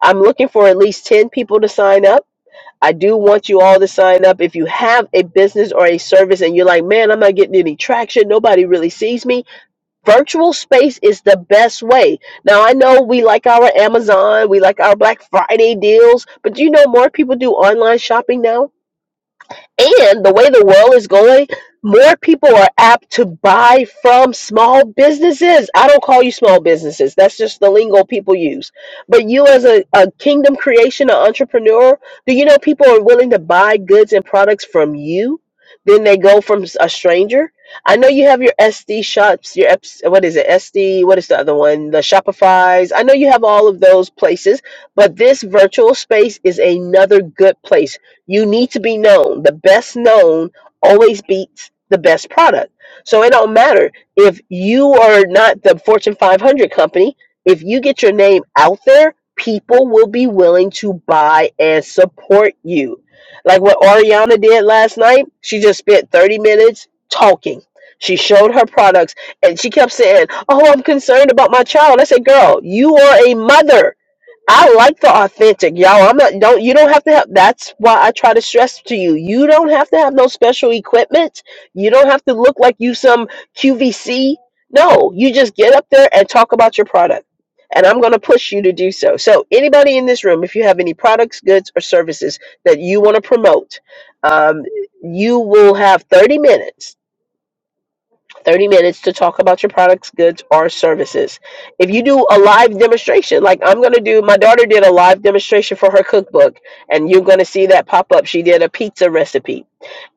Speaker 1: I'm looking for at least 10 people to sign up I do want you all to sign up. If you have a business or a service and you're like, man, I'm not getting any traction, nobody really sees me, virtual space is the best way. Now, I know we like our Amazon, we like our Black Friday deals, but do you know more people do online shopping now? And the way the world is going, more people are apt to buy from small businesses. I don't call you small businesses. That's just the lingo people use. But you as a, a kingdom creation, an entrepreneur, do you know people are willing to buy goods and products from you? Then they go from s- a stranger. I know you have your SD shops, your Eps- what is it? SD, what is the other one? The Shopify's. I know you have all of those places, but this virtual space is another good place you need to be known. The best known always beats the best product. So it don't matter if you are not the Fortune 500 company. If you get your name out there, people will be willing to buy and support you. Like what Ariana did last night, she just spent 30 minutes talking. She showed her products and she kept saying, Oh, I'm concerned about my child. I said, Girl, you are a mother. I like the authentic, y'all. I'm not don't you don't have to have that's why I try to stress to you. You don't have to have no special equipment. You don't have to look like you some QVC. No, you just get up there and talk about your product. And I'm going to push you to do so. So, anybody in this room, if you have any products, goods, or services that you want to promote, um, you will have 30 minutes 30 minutes to talk about your products, goods, or services. If you do a live demonstration, like I'm going to do, my daughter did a live demonstration for her cookbook, and you're going to see that pop up. She did a pizza recipe.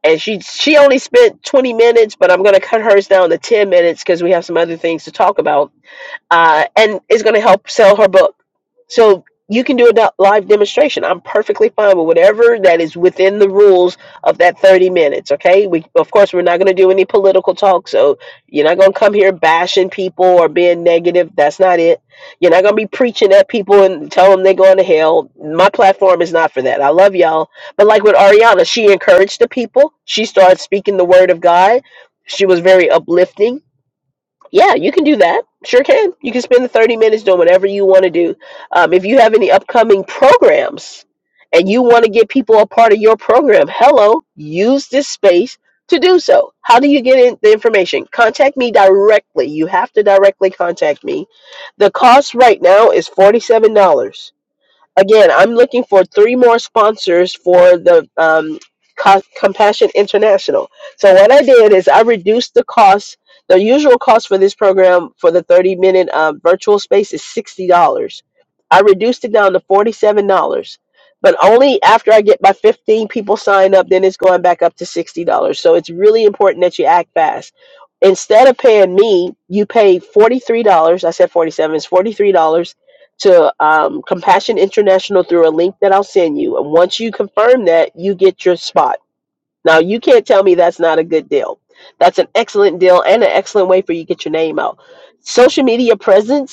Speaker 1: And she she only spent 20 minutes, but I'm going to cut hers down to 10 minutes because we have some other things to talk about. Uh, and it's going to help sell her book so you can do a do- live demonstration. I'm perfectly fine with whatever that is within the rules of that 30 minutes. Okay. We, of course, we're not going to do any political talk. So you're not going to come here bashing people or being negative. That's not it. You're not going to be preaching at people and tell them they're going to hell. My platform is not for that. I love y'all. But like with Ariana, she encouraged the people. She started speaking the word of God. She was very uplifting yeah, you can do that. Sure can. You can spend the 30 minutes doing whatever you want to do. Um, if you have any upcoming programs and you want to get people a part of your program, hello, use this space to do so. How do you get in the information? Contact me directly. You have to directly contact me. The cost right now is $47. again, I'm looking for three more sponsors for the um, Co- Compassion International. So what I did is I reduced the cost. The usual cost for this program for the 30 minute um, virtual space is sixty dollars. I reduced it down to forty seven dollars. But only after I get my 15 people signed up, then it's going back up to $60. So it's really important that you act fast. Instead of paying me, you pay $43. I said 47 It's $43 to um, Compassion International through a link that I'll send you. And once you confirm that, you get your spot. Now, you can't tell me that's not a good deal. That's an excellent deal and an excellent way for you to get your name out. Social media presence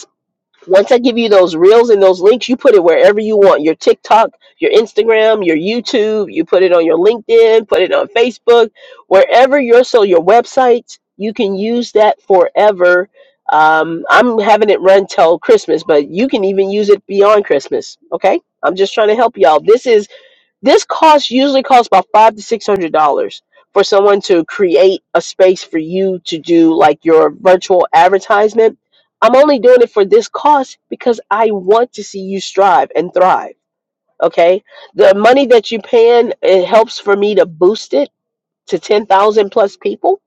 Speaker 1: once I give you those reels and those links, you put it wherever you want your TikTok, your Instagram, your YouTube, you put it on your LinkedIn, put it on Facebook, wherever your so your websites, you can use that forever. Um, I'm having it run till Christmas, but you can even use it beyond Christmas. Okay, I'm just trying to help y'all. This is this cost usually costs about five to six hundred dollars for someone to create a space for you to do like your virtual advertisement. I'm only doing it for this cost because I want to see you strive and thrive. Okay. The money that you paying, it helps for me to boost it to 10,000 plus people.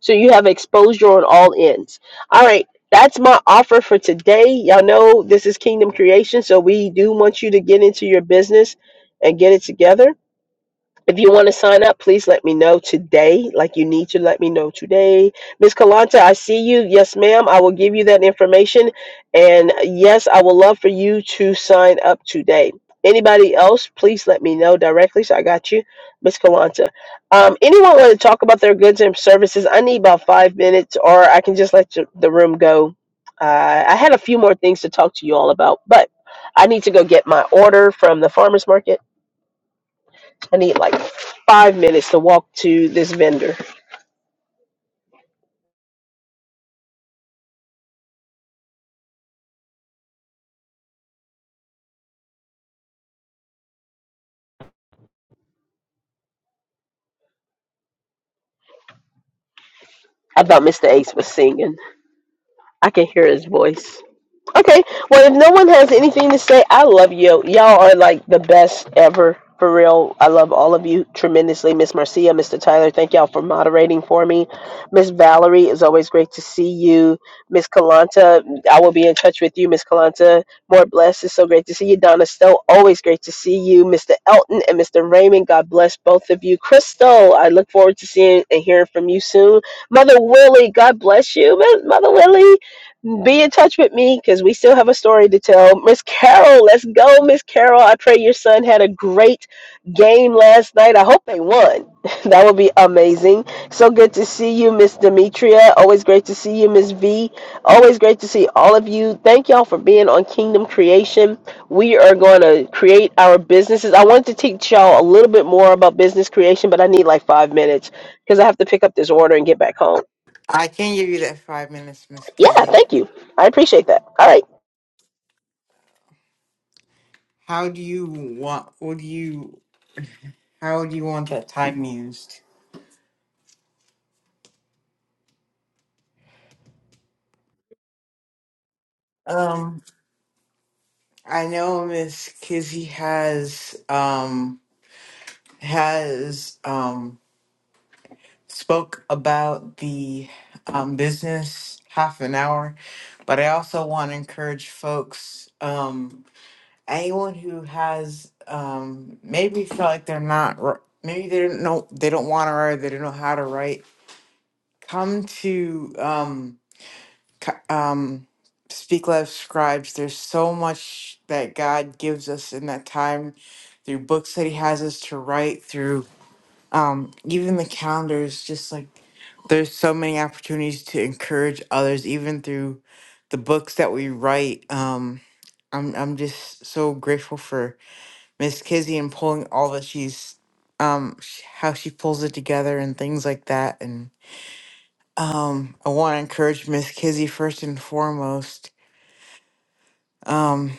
Speaker 1: So you have exposure on all ends. All right. That's my offer for today. Y'all know this is Kingdom Creation. So we do want you to get into your business and get it together. If you want to sign up, please let me know today. Like you need to let me know today. Miss Kalanta, I see you. Yes, ma'am. I will give you that information. And yes, I would love for you to sign up today. Anybody else, please let me know directly. So I got you, Miss Kalanta. Um, anyone want to talk about their goods and services? I need about five minutes, or I can just let you, the room go. Uh, I had a few more things to talk to you all about, but I need to go get my order from the farmer's market I need like five minutes to walk to this vendor. I thought Mr. Ace was singing. I can hear his voice. Okay. Well, if no one has anything to say, I love you. Y'all are like the best ever. For real, I love all of you tremendously. Miss Marcia, Mr. Tyler, thank y'all for moderating for me. Miss Valerie, it's always great to see you. Miss Kalanta, I will be in touch with you. Miss Kalanta, more blessed. It's so great to see you. Donna Stowe, always great to see you. Mr. Elton and Mr. Raymond, God bless both of you. Crystal, I look forward to seeing and hearing from you soon. Mother Willie, God bless you. Miss Mother Willie, be in touch with me because we still have a story to tell. Miss Carol, let's go, Miss Carol. I pray your son had a great game last night. I hope they won. that would be amazing. So good to see you, Miss Demetria. Always great to see you, Miss V. Always great to see all of you. Thank y'all for being on Kingdom Creation. We are going to create our businesses. I wanted to teach y'all a little bit more about business creation, but I need like five minutes because I have to pick up this order and get back home.
Speaker 2: I can give you that five minutes, Miss
Speaker 1: Yeah,
Speaker 2: Kizzy.
Speaker 1: thank you. I appreciate that. All right.
Speaker 2: How do you want? What do you? How do you want that time used? Um, I know Miss Kizzy has um has um spoke about the um business half an hour, but I also want to encourage folks um anyone who has um maybe feel like they're not wr- maybe they don't know they don't want to write they don't know how to write come to um, c- um, Speak Lab Scribes. There's so much that God gives us in that time through books that He has us to write, through um, even the calendars. Just like there's so many opportunities to encourage others, even through the books that we write. Um, I'm I'm just so grateful for Miss Kizzy and pulling all that she's um sh- how she pulls it together and things like that and um, I want to encourage Miss Kizzy first and foremost um,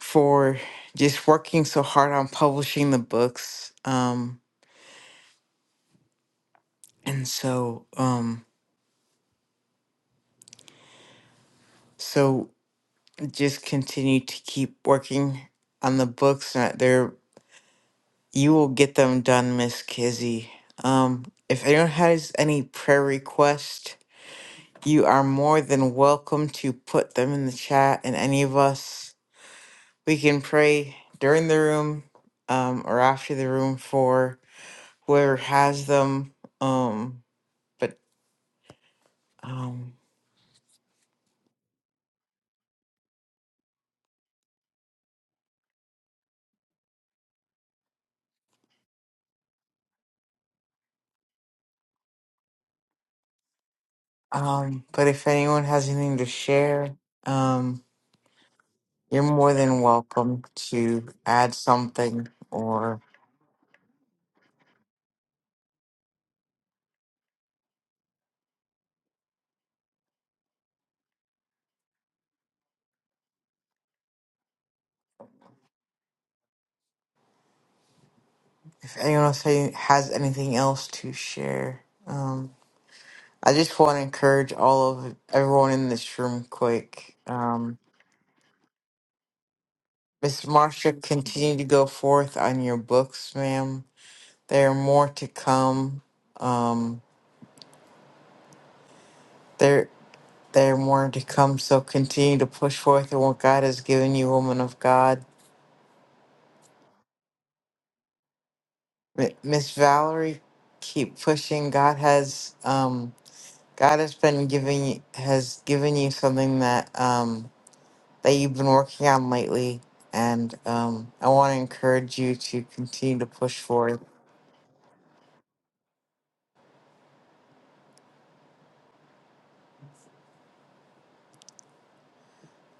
Speaker 2: for just working so hard on publishing the books. Um, and so, um, so just continue to keep working on the books. uh, They're, you will get them done, Miss Kizzy. Um, if anyone has any prayer request, you are more than welcome to put them in the chat, and any of us. We can pray during the room um, or after the room for whoever has them. Um, but um, um, but if anyone has anything to share, um, you're more than welcome to add something. Or if anyone else ha- has anything else to share, um, I just want to encourage all of everyone in this room. Quick, um, Miss Marsha, continue to go forth on your books, ma'am There are more to come. Um, there, there are more to come. So continue to push forth in what God has given you, woman of God. M- Miss Valerie, keep pushing. God has, um, God has been giving, has given you something that um, that you've been working on lately, and um, I want to encourage you to continue to push forth.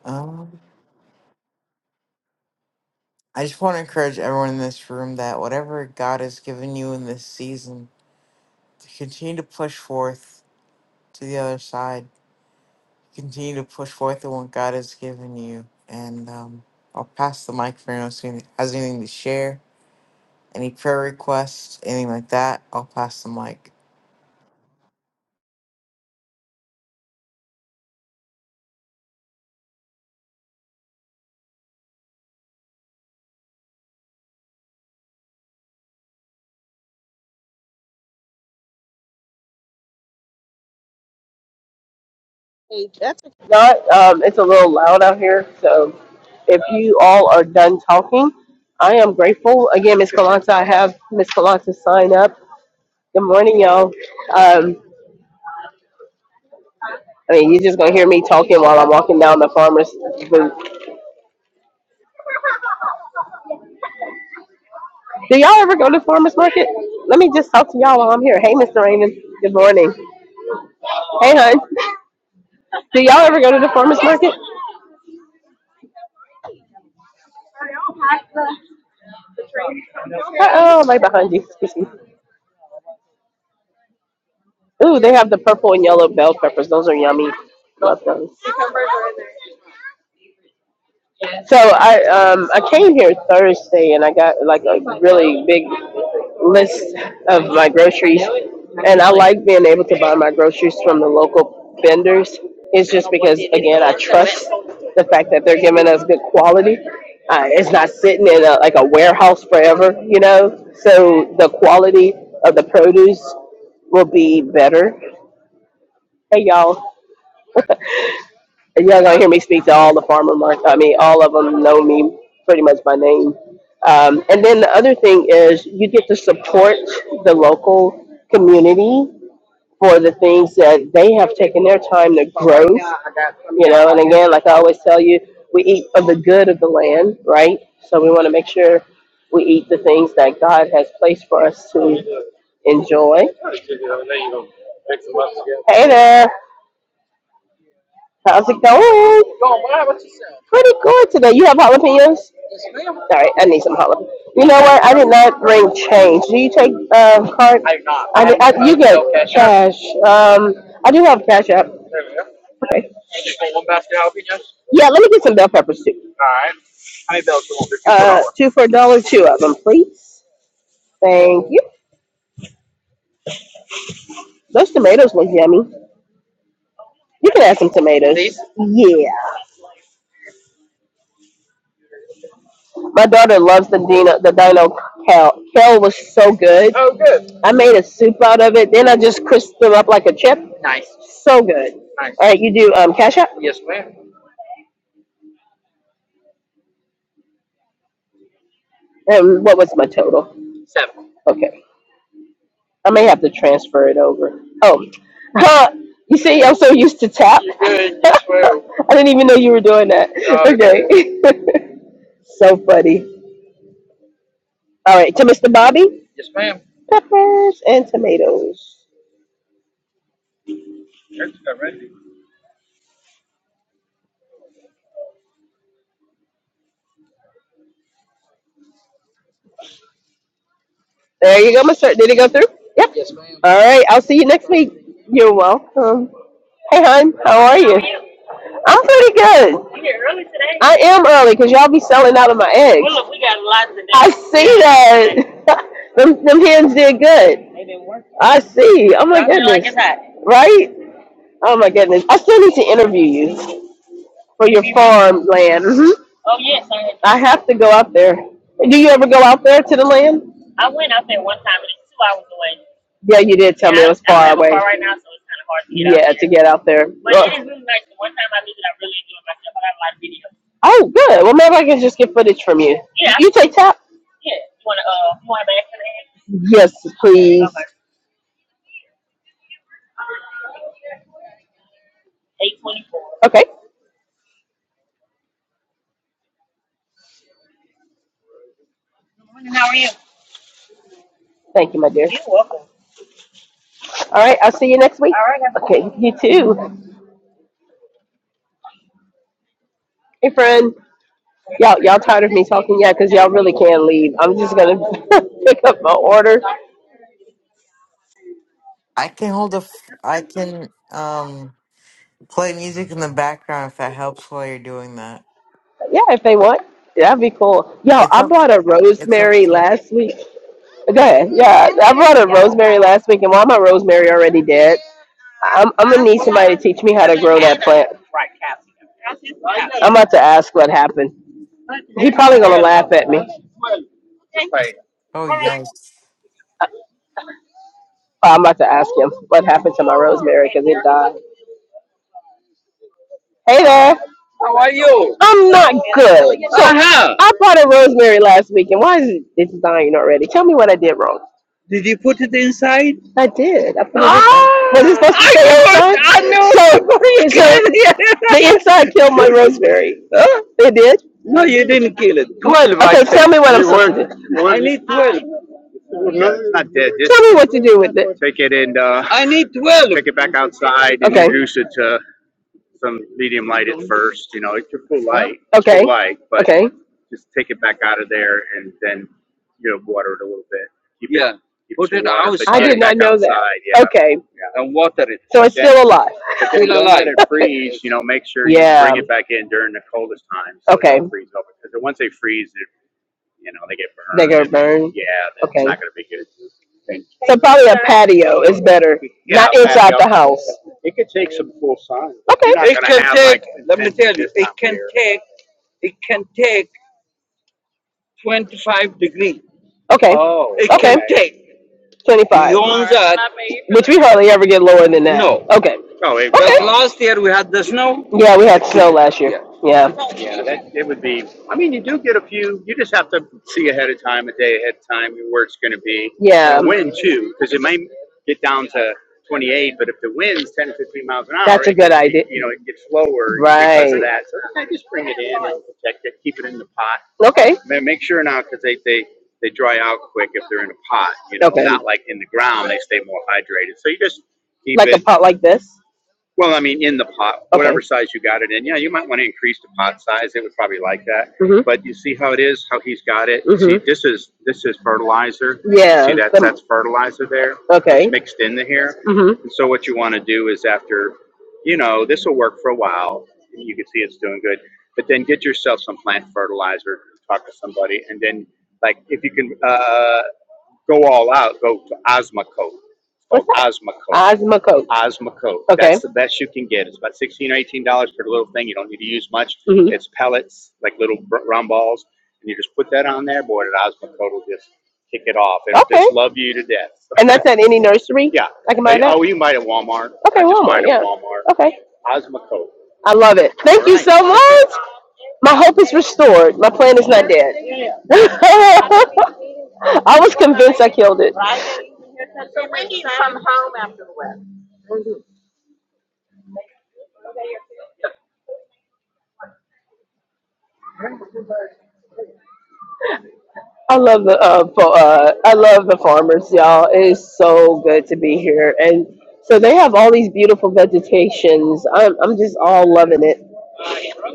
Speaker 2: Um, I just want to encourage everyone in this room that whatever God has given you in this season to continue to push forth to the other side. Continue to push forth in what God has given you. And um, I'll pass the mic for anyone who has anything to share, any prayer requests, anything like that. I'll pass the mic.
Speaker 1: Not, um, it's a little loud out here, so if you all are done talking, I am grateful. Again, Miss Kalanta, I have Miss Kalanta sign up. Good morning, y'all. Um, I mean, you're just gonna hear me talking while I'm walking down the farmer's booth. Do y'all ever go to farmer's market? Let me just talk to y'all while I'm here. Hey, Mr. Raymond. Good morning. Hey, hon. Do y'all ever go to the farmer's market? Uh oh, I'm right behind you. Ooh, they have the purple and yellow bell peppers. Those are yummy. Love those. So I um I came here Thursday and I got like a really big list of my groceries, and I like being able to buy my groceries from the local vendors. It's just because again I trust the fact that they're giving us good quality. Uh, it's not sitting in a, like a warehouse forever, you know. So the quality of the produce will be better. Hey y'all, And Y'all gonna hear me speak to all the farmer market. I mean, all of them know me pretty much by name. Um, and then the other thing is you get to support the local community for the things that they have taken their time to grow. You know, and again, like I always tell you, we eat of the good of the land, right? So we want to make sure we eat the things that God has placed for us to enjoy. Hey there, how's it going? Pretty good today. You have jalapenos? All right, I need some Harlem. You know what? I did not bring change. Do you take um, card? I do not. I, did, I you get No cash cash. Um, I do have cash app. There we go. Okay. just want one basket of jalapenos? Yeah, let me get some bell peppers too. All right. How many bells do you want? They're two for a Uh, dollar. two for a dollar, two of them, please. Thank you. Those tomatoes look yummy. You can add some tomatoes. These? Yeah. My daughter loves the dino the dino kale. Kale was so good. Oh, good. I made a soup out of it. Then I just crisped them up like a chip. Nice. So good. Nice. All right, you do um, cash app. Yes, ma'am. And what was my total? Seven. Okay, I may have to transfer it over. Oh, huh? you see, I'm so used to tap. You're You swear. I didn't even know you were doing that. Oh, Okay, so funny. All right, to Mr. Bobby, Yes, ma'am. peppers and tomatoes. That's ready. There you go, Mr. Did it go through? Yep. Yes, ma'am. All right. I'll see you next week. You're welcome. Hey, hon. How are you? I'm pretty good. I am early because y'all be selling out of my eggs. I see that. them, them hens did good. I see. Oh my goodness. Right? Oh my goodness. I still need to interview you for your farm land. hmm I have to go out there. Do you ever go out there to the land? Yeah, you did tell me it i was far away. Yeah, to get out there. Ugh. Ugh. Oh, good. Well, maybe I can just get footage from you. You take tap? Yes, please. Okay. Thank you, my dear. All right. I'll see you next week. good Okay. You too. Hey, friend. Y'all, y'all tired of me talking? Yeah, 'cause y'all really can leave. I'm just gonna pick up my order.
Speaker 2: I can hold a, f- I can um play music in the background if that helps while you're doing that.
Speaker 1: Yeah, if they want. That'd be cool. Yo,
Speaker 2: It's
Speaker 1: I
Speaker 2: up,
Speaker 1: bought a
Speaker 2: it's up
Speaker 1: rosemary
Speaker 2: to you.
Speaker 1: last week. Go ahead. Yeah, I brought up rosemary last week, and why my rosemary already dead? I'm I'm gonna need somebody to teach me how to grow that plant. I'm about to ask what happened. He probably gonna laugh at me. But
Speaker 2: Oh yikes!
Speaker 1: I'm about to ask him what happened to my rosemary because it died. Hey there. How are you? I'm not good. So Uh-huh. I bought rosemary last week, and why is it, it's dying already? Tell me what I did wrong. Did you put it inside? I did. I put it oh, inside. Was it Ah, supposed to I stay outside? I know. So, so the inside killed my rosemary. Huh? It did. No, you didn't kill it. 12, Okay, tell me what I'm supposed to do. I need 12. No, it's not dead. Just Tell me what to do with it. take it and uh, I need 12. take it back outside, and Okay. introduce it. to some medium light at first, you know, it's your full light, Okay. full light, but Okay. just take it back out of there and then, you know, water it a little bit. Keep it, Yeah, It, keep put it water, but I did not back know outside. that. yeah, Okay. yeah. and water it. So it's then, still alive. but then Still don't alive. let it freeze, you know, make sure you yeah. you bring it back in during the coldest time so they Okay. It don't freeze over. Because once they freeze, you know, they get burned. They get burned. Yeah, that's Okay. not gonna be good. So probably a patio is better, Yeah, not inside patio. the house. It could take some full sun. Okay. You're not It gonna can have, take, like, let me tell you, intense this it time of can year. take, it can take twenty-five degree. Okay, Oh, It Okay. can take. You twenty-five. Which we hardly ever get lower than that. No. Okay. No, it Okay. last year we had the snow. Yeah, we had snow last year. Yeah. Yeah. Yeah, that, it would be, I mean, you do get a few, you just have to see ahead of time, a day ahead of time, where it's gonna be. Yeah. The wind too, because it may get down to twenty-eight, but if the wind's ten to fifteen miles an hour, That's a good gets, idea. you know, it gets lower right because of Right. that. So I just bring it in and protect it, keep it in the pot. Okay. Ma- Make sure now, because they, they, they dry out quick if they're in a pot, you know, Okay. not like in the ground, they stay more hydrated. So you just keep Like it. Like a pot like this? Well, I mean, in the pot, Okay. whatever size you got it in, yeah, you might want to increase the pot size. It would probably like that. hmm But you see how it is, how he's got it. Mm-hmm. See, hmm this is this is fertilizer. Yeah. See that's that's fertilizer there okay. mixed in the hair. hmm And so what you want to do is after, you know, this will work for a while. You can see it's doing good, but then get yourself some plant fertilizer. Talk to somebody, and then like if you can. Uh, Go all out. Go to Osmo Coat. What's that? Osmo Coat. Ozma Coat. Osmo Coat. Okay. That's the best you can get. It's about sixteen or eighteen dollars for the little thing. You don't need to use much. hmm It's pellets, like little round balls, and you just put that on there. Boy, that Osmo Coat will just kick it off. It'll Okay. just love you to death. So, And that's at any nursery? yeah. I can Uh, buy that? Oh, you can buy it at Walmart. Okay, I just buy Walmart, Buy it at yeah. Walmart. Okay. Osmo Coat. I love it. All Thank all you right. so much. My hope is restored. My plan is not dead. I was convinced I killed it. I love the uh, fo- uh, I love the farmers, y'all. It is so good to be here, and so they have all these beautiful vegetations. I'm I'm just all loving it.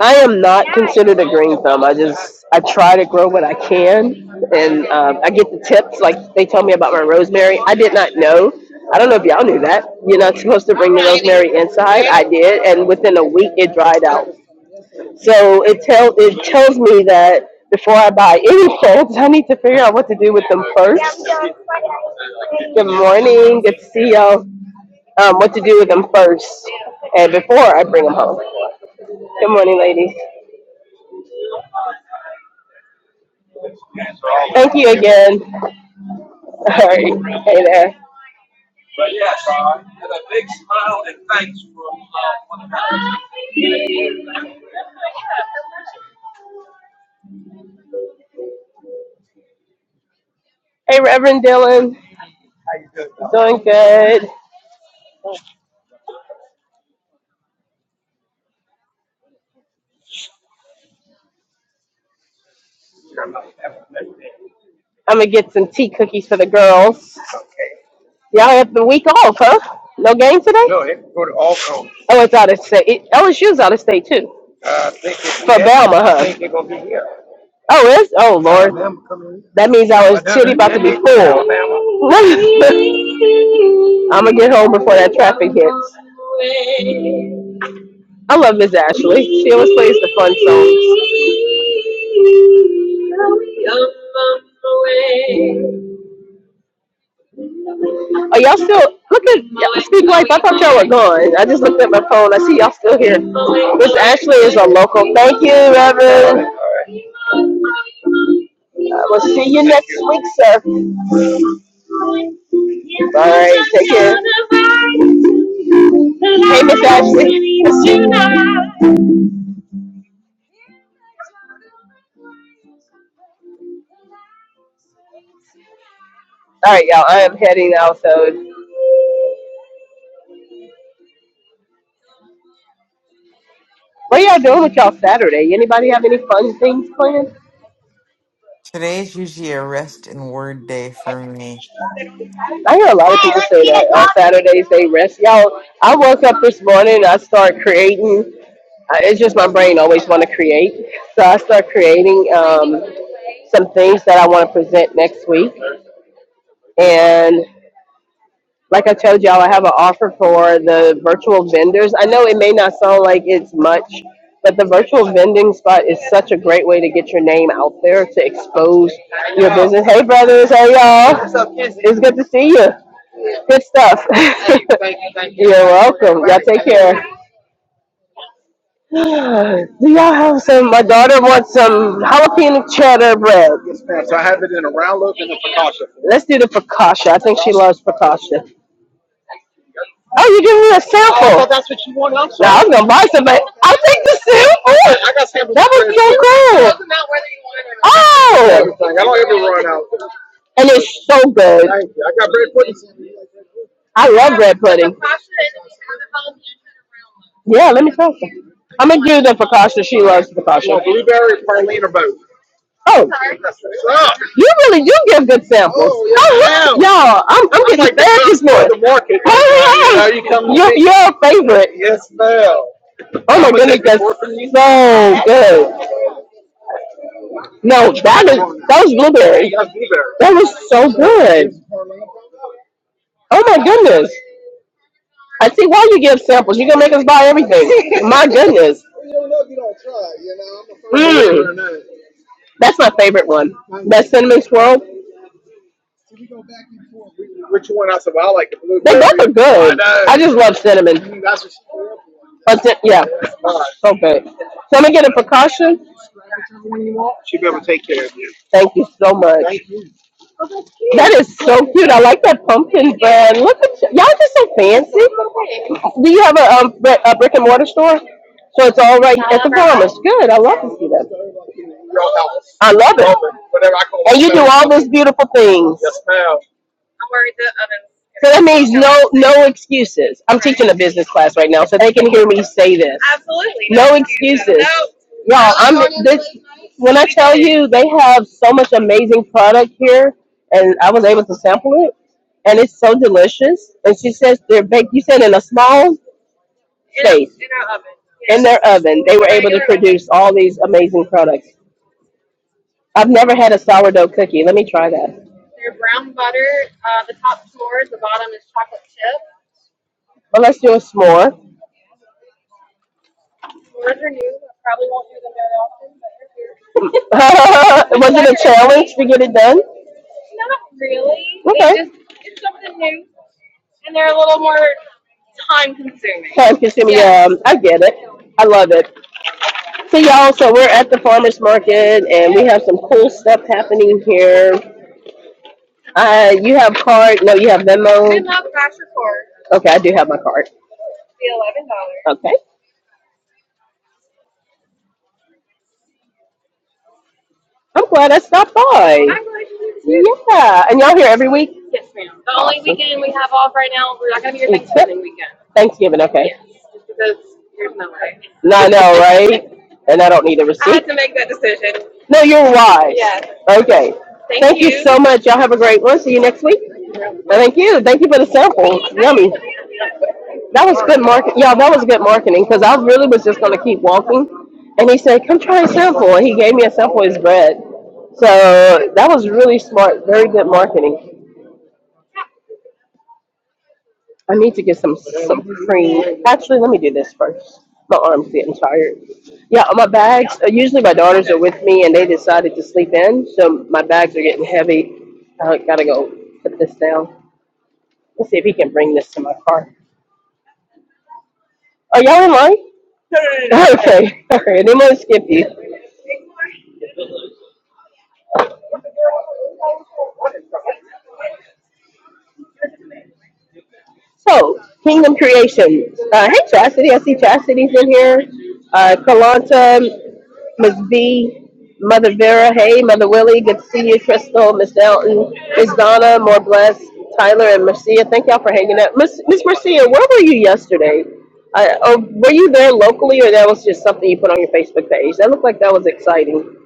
Speaker 1: I am not considered a green thumb. I just I try to grow what I can, and um, I get the tips. Like they tell me about my rosemary. I did not know. I don't know if y'all knew that. You're not supposed to bring the rosemary inside. I did, and within a week it dried out. So it tells it tells me that before I buy any clothes, I need to figure out what to do with them first. Good morning. Good to see y'all. Um, what to do with them first, and before I bring them home. Good morning, ladies. Thank you again. All right. Hey there. Hey, Reverend Dylan. Doing good. I'm gonna get some tea cookies for the girls. Y'all have the week off, huh? No game today? Oh, it's out of state. It, LSU's out of state too. For Alabama. huh? Oh, it's oh Lord. That means I was titty about to be full. I'm gonna get home before that traffic hits. I love Miss Ashley. She always plays the fun songs. Are y'all still look at y'all speak life? I thought y'all were gone. I just looked at my phone. I see y'all still here. Miss Ashley is a local. Thank you, Reverend. I will see you next week, sir. All right, take care. Hey, Miss Ashley. All right, y'all. I am heading out. So, what y'all doing with y'all Saturday? Anybody have any fun things planned?
Speaker 2: Today is usually a rest and word day for me.
Speaker 1: I hear a lot of people say that on Saturdays they rest. Y'all, I woke up this morning. I start creating. I- It's just my brain always want to create, so I start creating um, some things that I want to present next week. And like I told y'all, I have an offer for the virtual vendors. I know it may not sound like it's much, but the virtual vending spot is such a great way to get your name out there to expose your business. Hey, brothers. Hey, y'all. What's up, Kizzy? It's good to see you. Good stuff. Hey, thank you. You're welcome. Y'all take care. Do y'all have some? My daughter wants some jalapeno cheddar bread. Let's do the focaccia. I think she loves focaccia. Oh, you're giving me a sample. Now I'm gonna buy somebody. I'll take the sample. I got samples That of would be so cool. It doesn't matter whether you want it or not. Oh, Everything. I don't ever run out. and it's so good. Thank you. I got bread pudding. I love bread pudding. Yeah, let me try some. I'm gonna give them focaccia. She loves You focaccia. want blueberry, praline, or both? Oh, That's what's up. you really do give good samples. Oh, yeah. ma'am. Y'all, I'm, I'm That's getting like the fed best this morning. the market. Oh, You Hey, know, you come hey, to yeah. me. you're, you're a favorite. Yes, ma'am. Oh my goodness, that's so good. No, that is that was blueberry. That was so good. Oh my goodness. I see why you give samples. You're gonna make us buy everything. My goodness. Mm. That's my favorite one. That cinnamon swirl. Which one I I said? well, I like the They blueberry. both are I good. know. I just love cinnamon. Mm, That's what she grew up with. But cin- yeah, That's fine. so good. So I'm gonna get a precaution. She'll be able to take care of you. Thank you so much. Thank you. That is so cute. I like that pumpkin bread. Look at y- y'all, just so fancy. Do you have a um bri- a brick and mortar store? So it's all right at the Palmer's. Good. I love to see that. I love it. And you do all those beautiful things. So that means no no excuses. I'm teaching a business class right now, so they can hear me say this. No excuses. Y'all, I'm this when I tell you they have so much amazing product here and I was able to sample it and it's so delicious. And she says they're baked you said in a small space in their oven they were able to produce all these amazing products. I've never had a sourdough cookie. Let me try that. They're brown butter. Uh, the the top s'mores, the bottom is chocolate chip. Well, let's do a s'more. S'mores are they're new. I Probably won't do them very often, but they're here. was it a challenge to get it done? Not really. Okay. It just it's something new, and they're a little more consuming. time consuming. Yeah. Um, I get it. I love it. So y'all, so we're at the farmers market and we have some cool stuff happening here. Uh, you have card? No, you have Good Venmo. Good luck, cash report. Okay, I do have my card. The eleven dollars. Okay, I'm glad I stopped by. I'm good too. Yeah, and y'all here every week? Yes, ma'am. The only Awesome. weekend off right now. We're not gonna be here Except Thanksgiving. Thanksgiving, okay. Yes, Because there's no way. No, I know, right? And I don't need a I had receipt. to make that decision. No, you're wise. Yes. Okay. Thank Thank you you. so much. Y'all have a great one. See you next week. Well, Thank you. Thank you for the sample. Yummy. That was good market. Yeah, that was good marketing because I really was just gonna keep walking, and he said, "Come try a sample." And he gave me a sample of his bread. So that was really smart. Very good marketing. I need to get some some cream. Actually, let me do this first. My arm's getting tired. Yeah, my bags. uh, Usually, my daughters are with me, and they decided to sleep in, so my bags are getting heavy. I gotta go put this down. Let's see if he can bring this to my car. Are y'all in line? Okay. All right. They might skip you. So, Kingdom Creation. Uh, hey, Chastity. I see Chastity's in here. Uh, Kalanta, Miss B, Mother Vera. Hey, Mother Willie. Good to see you. Crystal, Miss Elton, Miss Donna, more blessed. Tyler and Marcia. Thank y'all for hanging out. Miss Miss Marcia, where were you yesterday? Uh, oh, were you there locally, or that was just something you put on your Facebook page? That looked like that was exciting.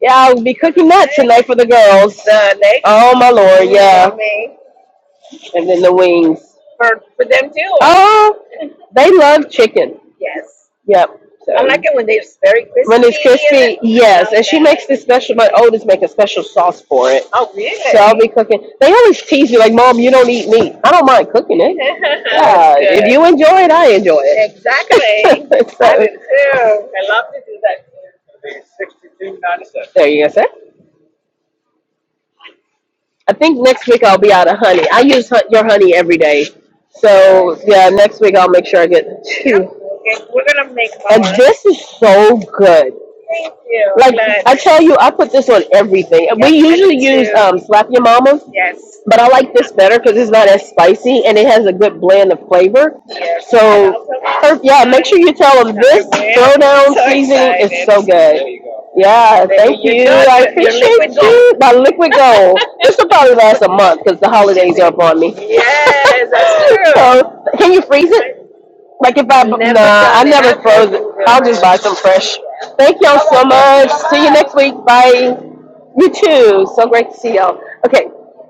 Speaker 1: Yeah, I'll be cooking that tonight for the girls. oh my lord, yeah. and then the wings. for for them too. Oh, they love chicken. Yes, Yep. So, I So like it when they're very crispy. when it's crispy, yes. And she makes this special. My oldest make a special sauce for it. Oh, really? So I'll really? be cooking. They always tease me like, "Mom, you don't eat meat." I don't mind cooking it. That's Yeah, if you enjoy it, I enjoy it. Exactly. So, I so do too. I love to do that too. there you go, sir. I think next week I'll be out of honey. I use hu- your honey every day. So yeah, next week I'll make sure I get two. Okay, we're gonna make more. And this is so good. Thank you. Like But I tell you, I put this on everything. And We yes, I usually I do use um, slap your mama, Yes, but I like this better because it's not as spicy and it has a good blend of flavor. yes. And So also, her- yeah, make sure you tell them this I'm throwdown so seasoning is excited. so good. Yeah, There thank you you. go. I Your, your liquid appreciate gold. you. My liquid gold. This will probably last a month because the holidays are upon me. Yes, that's true. so can you freeze it? Like if I nah, Never I does it never I've froze it. happen. I'll just buy some fresh. Thank y'all so much. See you next week. Bye. You too. So great to see y'all. Okay,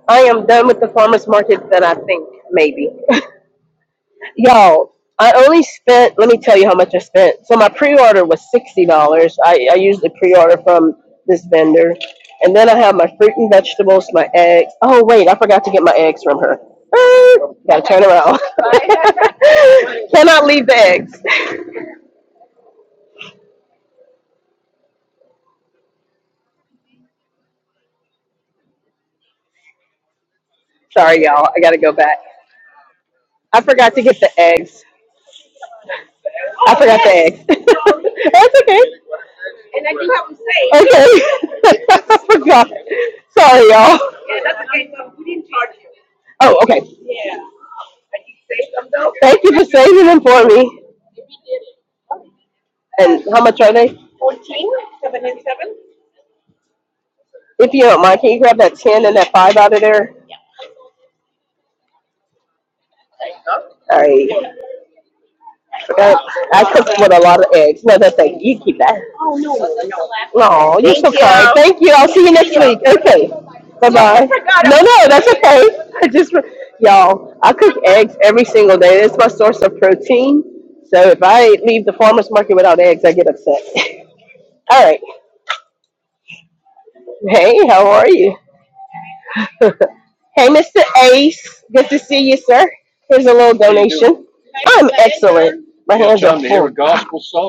Speaker 1: I am done with the farmers market. That I think maybe. Y'all, I only spent, let me tell you how much I spent. So my pre-order was $60. I, I usually pre-order from this vendor. And then I have my fruit and vegetables, my eggs. Oh, wait, I forgot to get my eggs from her. Ah, gotta turn around. Cannot leave the eggs. Sorry, y'all. I gotta go back. I forgot to get the eggs. I forgot the eggs. That's okay. And I do have them saved. Okay. I forgot. Sorry, y'all. Yeah, that's okay. So we didn't charge you. Oh, okay. Yeah. And you saved them though? Thank you for saving them for me. And how much are they? 14, 797. If you don't mind, can you grab that 10 and that 5 out of there? All right. forgot. I cooked with a lot of eggs. No, that's it. You keep that. No, you're Thank so kind. you. Thank you. I'll see you next week. Okay. Bye bye. forgot No, no, that's okay. I just, y'all, I cook eggs every single day. That's my source of protein. So if I leave the farmer's market without eggs, I get upset. All right. Hey, how are you? Hey, Mr. Ace. Good to see you, sir. Here's a little How you doing? donation. I'm excellent. My Yeah, hands are Chum, here we full.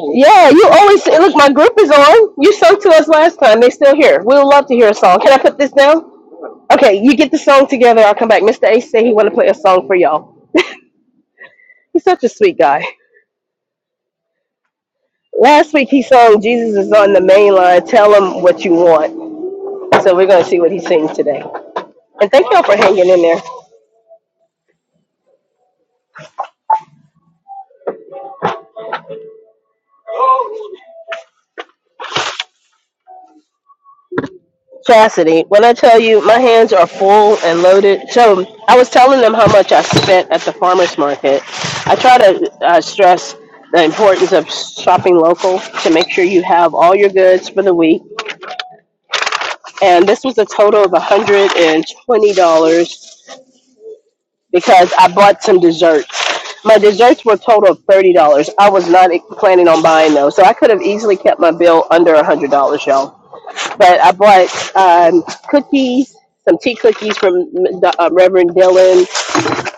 Speaker 1: go. Yeah, you always look. My group is on. You sung to us last time. They still here. We would love to hear a song. Can I put this down? Okay, you get the song together. I'll come back. Mr. Ace said he want to play a song for y'all. He's such a sweet guy. Last week he sang Jesus is on the main line. Tell him what you want. So we're going to see what he sings today. And thank y'all for hanging in there. Chastity, when I tell you my hands are full and loaded, so I was telling them how much I spent at the farmer's market. I try to uh, stress the importance of shopping local to make sure you have all your goods for the week. And this was a total of $120 because I bought some desserts. My desserts were a total of thirty dollars. I was not planning on buying those, so I could have easily kept my bill under a hundred dollars, y'all. But I bought um, cookies, some tea cookies from uh, Reverend Dylan.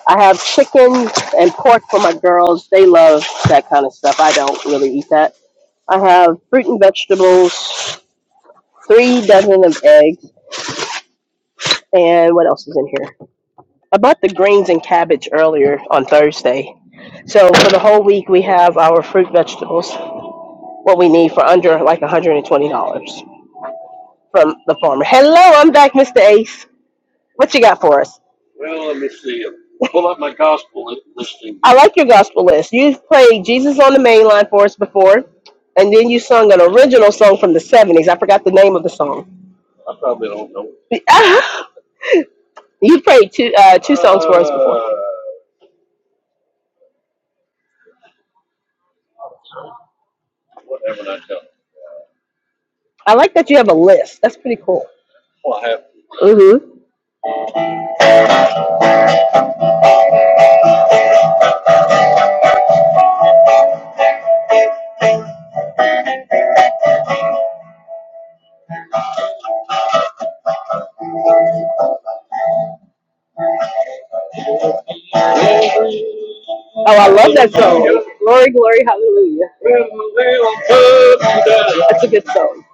Speaker 1: I have chicken and pork for my girls. They love that kind of stuff. I don't really eat that. I have fruit and vegetables, three dozen of eggs, and what else is in here? I bought the greens and cabbage earlier on Thursday. So for the whole week, we have our fruit, vegetables, what we need for under like $120 from the farmer. Hello, I'm back, Mr. Ace. What you got for us? I like your gospel list. You've played Jesus on the Main Line for us before, and then you sung an original song from the 70s. I forgot the name of the song. you played two, uh, two songs for us before. I like that you have a list. That's pretty cool. hmm Oh, I love that song. Glory, glory, hallelujah. That's a good song.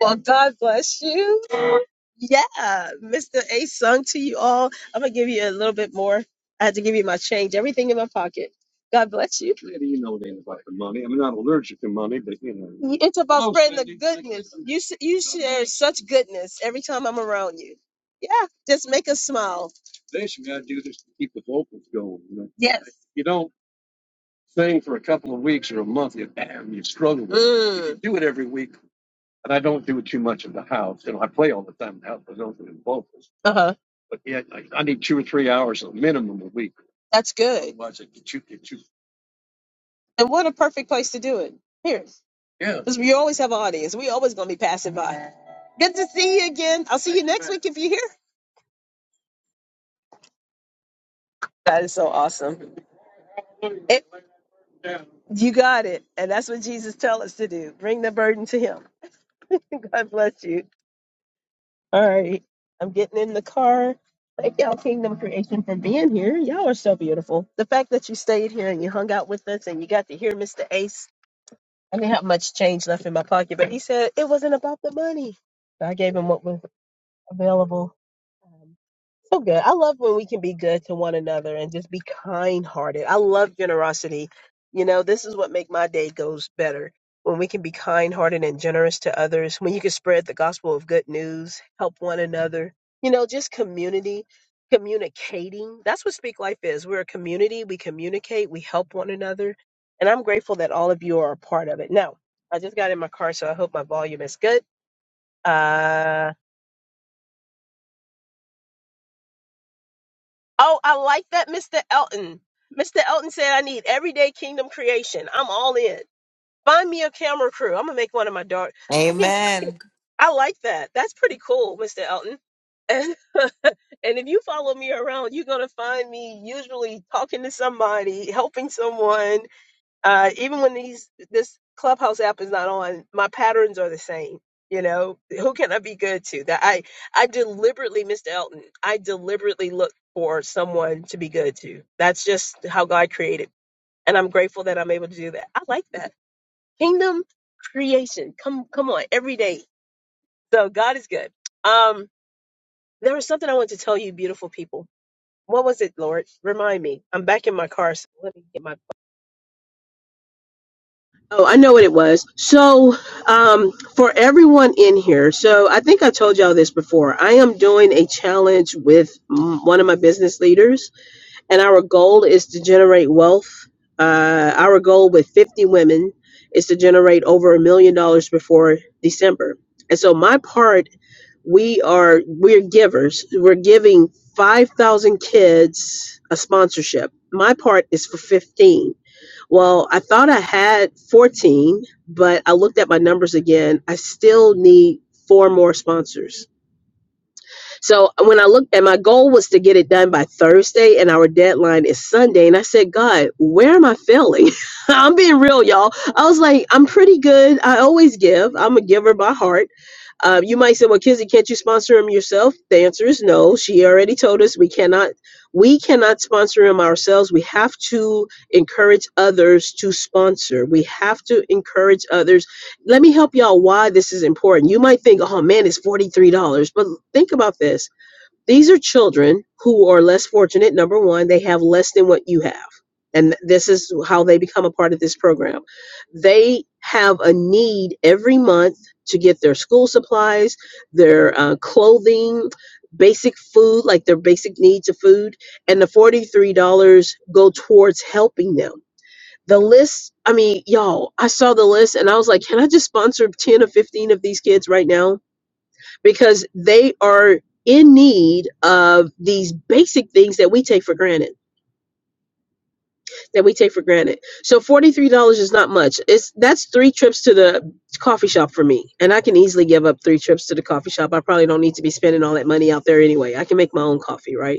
Speaker 1: Well, God bless you. Yeah, Mr. A sung to you all. I'm gonna give you a little bit more. I had to give you my change, everything in my pocket. God bless you. It's about you. s- You share such goodness every time I'm around you. Yeah, just make us smile. Yes. uh huh. That's good. And what a perfect place to do it. Here, because we always have an audience. We always gonna be passing by. Good to see you again. I'll see you next week if you're here. That is so awesome. You got it. And that's what Jesus tell us to do. Bring the burden to him. God bless you. All right. I'm getting in the car. Thank y'all, Kingdom Creation, for being here. Y'all are so beautiful. The fact that you stayed here and you hung out with us and you got to hear Mr. Ace. I didn't have much change left in my pocket, but he said it wasn't about the money. So I gave him what was available. Um, so good. I love when we can be good to one another and just be kind hearted. I love generosity. You know, this is what make my day goes better. When we can be kind hearted and generous to others, when you can spread the gospel of good news, help one another, you know, just community, communicating. That's what Speak Life is. We're a community. We communicate. We help one another. And I'm grateful that all of you are a part of it. Now, I just got in my car, so I hope my volume is good. Uh, Oh, I like that, Mr. Elton. Mr. Elton said, I need everyday kingdom creation. I'm all in. Find me a camera crew. I'm gonna make one of my dark. I can, I can.
Speaker 2: Amen.
Speaker 1: I like that. That's pretty cool, Mr. Elton. And, and if you follow me around, you're gonna find me usually talking to somebody, helping someone, uh, even when these this clubhouse app is not on my patterns are the same you know who can i be good to that i i deliberately mr elton i deliberately look for someone to be good to that's just how god created and i'm grateful that i'm able to do that i like that kingdom creation come come on every day so god is good um there was something i wanted to tell you beautiful people what was it lord remind me i'm back in my car so let me get my Oh, I know what it was. So, um, for everyone in here, so I think I told y'all this before. I am doing a challenge with mm, one of my business leaders, and our goal is to generate wealth. Uh, our goal with 50 women is to generate over a million dollars before December. And so, my part, we are we're givers. We're giving 5,000 kids a sponsorship. My part is for 15. Well, I thought I had 14, but I looked at my numbers again. I still need four more sponsors. So when I looked at my goal was to get it done by Thursday and our deadline is Sunday. And I said, God, where am I failing? I'm being real, y'all. I was like, I'm pretty good. I always give. I'm a giver by heart. Uh, you might say, well, Kizzy, can't you sponsor him yourself? The answer is no. She already told us we cannot we cannot sponsor him ourselves. We have to encourage others to sponsor. We have to encourage others let me help y'all why this is important. You might think, oh man, it's $43. But think about this. These are children who are less fortunate. Number one, they have less than what you have. And this is how they become a part of this program. They have a need every month to get their school supplies, their uh, clothing, basic food, like their basic needs of food. And the $43 go towards helping them the list, I mean, y'all, I saw the list and I was like, can I just sponsor 10 or 15 of these kids right now? Because they are in need of these basic things that we take for granted, that we take for granted. So $43 is not much. It's that's three trips to the coffee shop for me. And I can easily give up three trips to the coffee shop. I probably don't need to be spending all that money out there anyway. I can make my own coffee, right?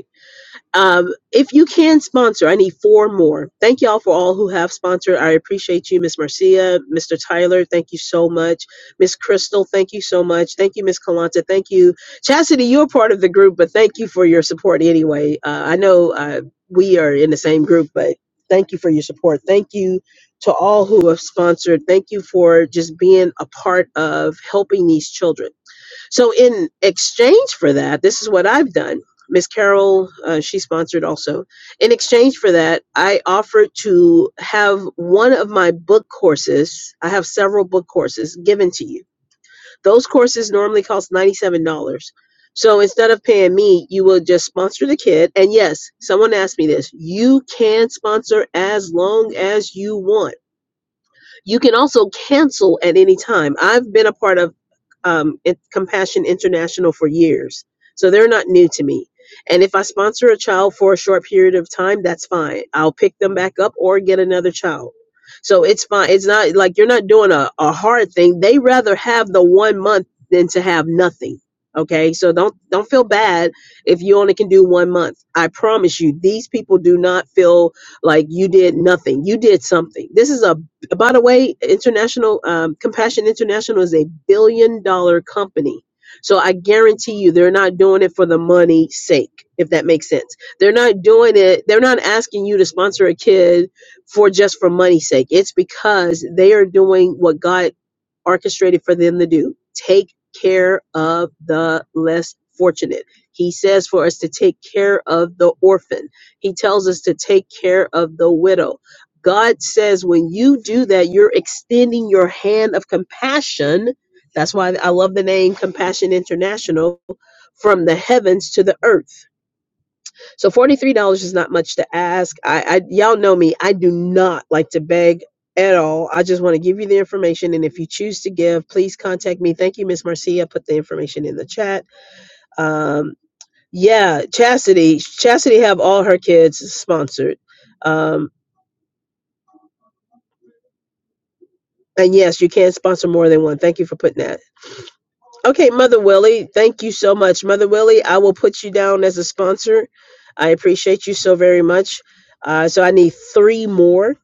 Speaker 1: Um, if you can sponsor, I need four more. Thank y'all for all who have sponsored. I appreciate you, Miss Marcia, Mr. Tyler. Thank you so much, Miss Crystal. Thank you so much. Thank you, Miss Kalanta. Thank you, Chastity. You're part of the group, but thank you for your support anyway. Uh, I know uh, we are in the same group, but thank you for your support. Thank you to all who have sponsored. Thank you for just being a part of helping these children. So, in exchange for that, this is what I've done. Miss Carol, uh, she sponsored also. In exchange for that, I offered to have one of my book courses. I have several book courses given to you. Those courses normally cost $97. So instead of paying me, you will just sponsor the kid. And yes, someone asked me this you can sponsor as long as you want you can also cancel at any time. I've been a part of um, it, Compassion International for years, so they're not new to me. And if I sponsor a child for a short period of time, that's fine. I'll pick them back up or get another child. So it's fine. It's not like you're not doing a, a hard thing. They rather have the one month than to have nothing. Okay, so don't don't feel bad if you only can do one month. I promise you, these people do not feel like you did nothing. You did something. This is a by the way, International um, Compassion International is a billion dollar company. So I guarantee you they're not doing it for the money's sake, if that makes sense. They're not doing it, they're not asking you to sponsor a kid for just for money's sake. It's because they are doing what God orchestrated for them to do. Take care of the less fortunate. He says for us to take care of the orphan. He tells us to take care of the widow God says when you do that, you're extending your hand of compassion. That's why I love the name Compassion International from the heavens to the earth. So $43 is not much to ask. I, I y'all know me. I do not like to beg at all. I just want to give you the information and if you choose to give, please contact me. Thank you Miss Marcia. Put the information in the chat. Um yeah, Chastity. Chastity have all her kids sponsored. Um, And yes, you can sponsor more than one. Thank you for putting that. Okay, Mother Willie, thank you so much. Mother Willie, I will put you down as a sponsor. I appreciate you so very much. Uh, so I need three more.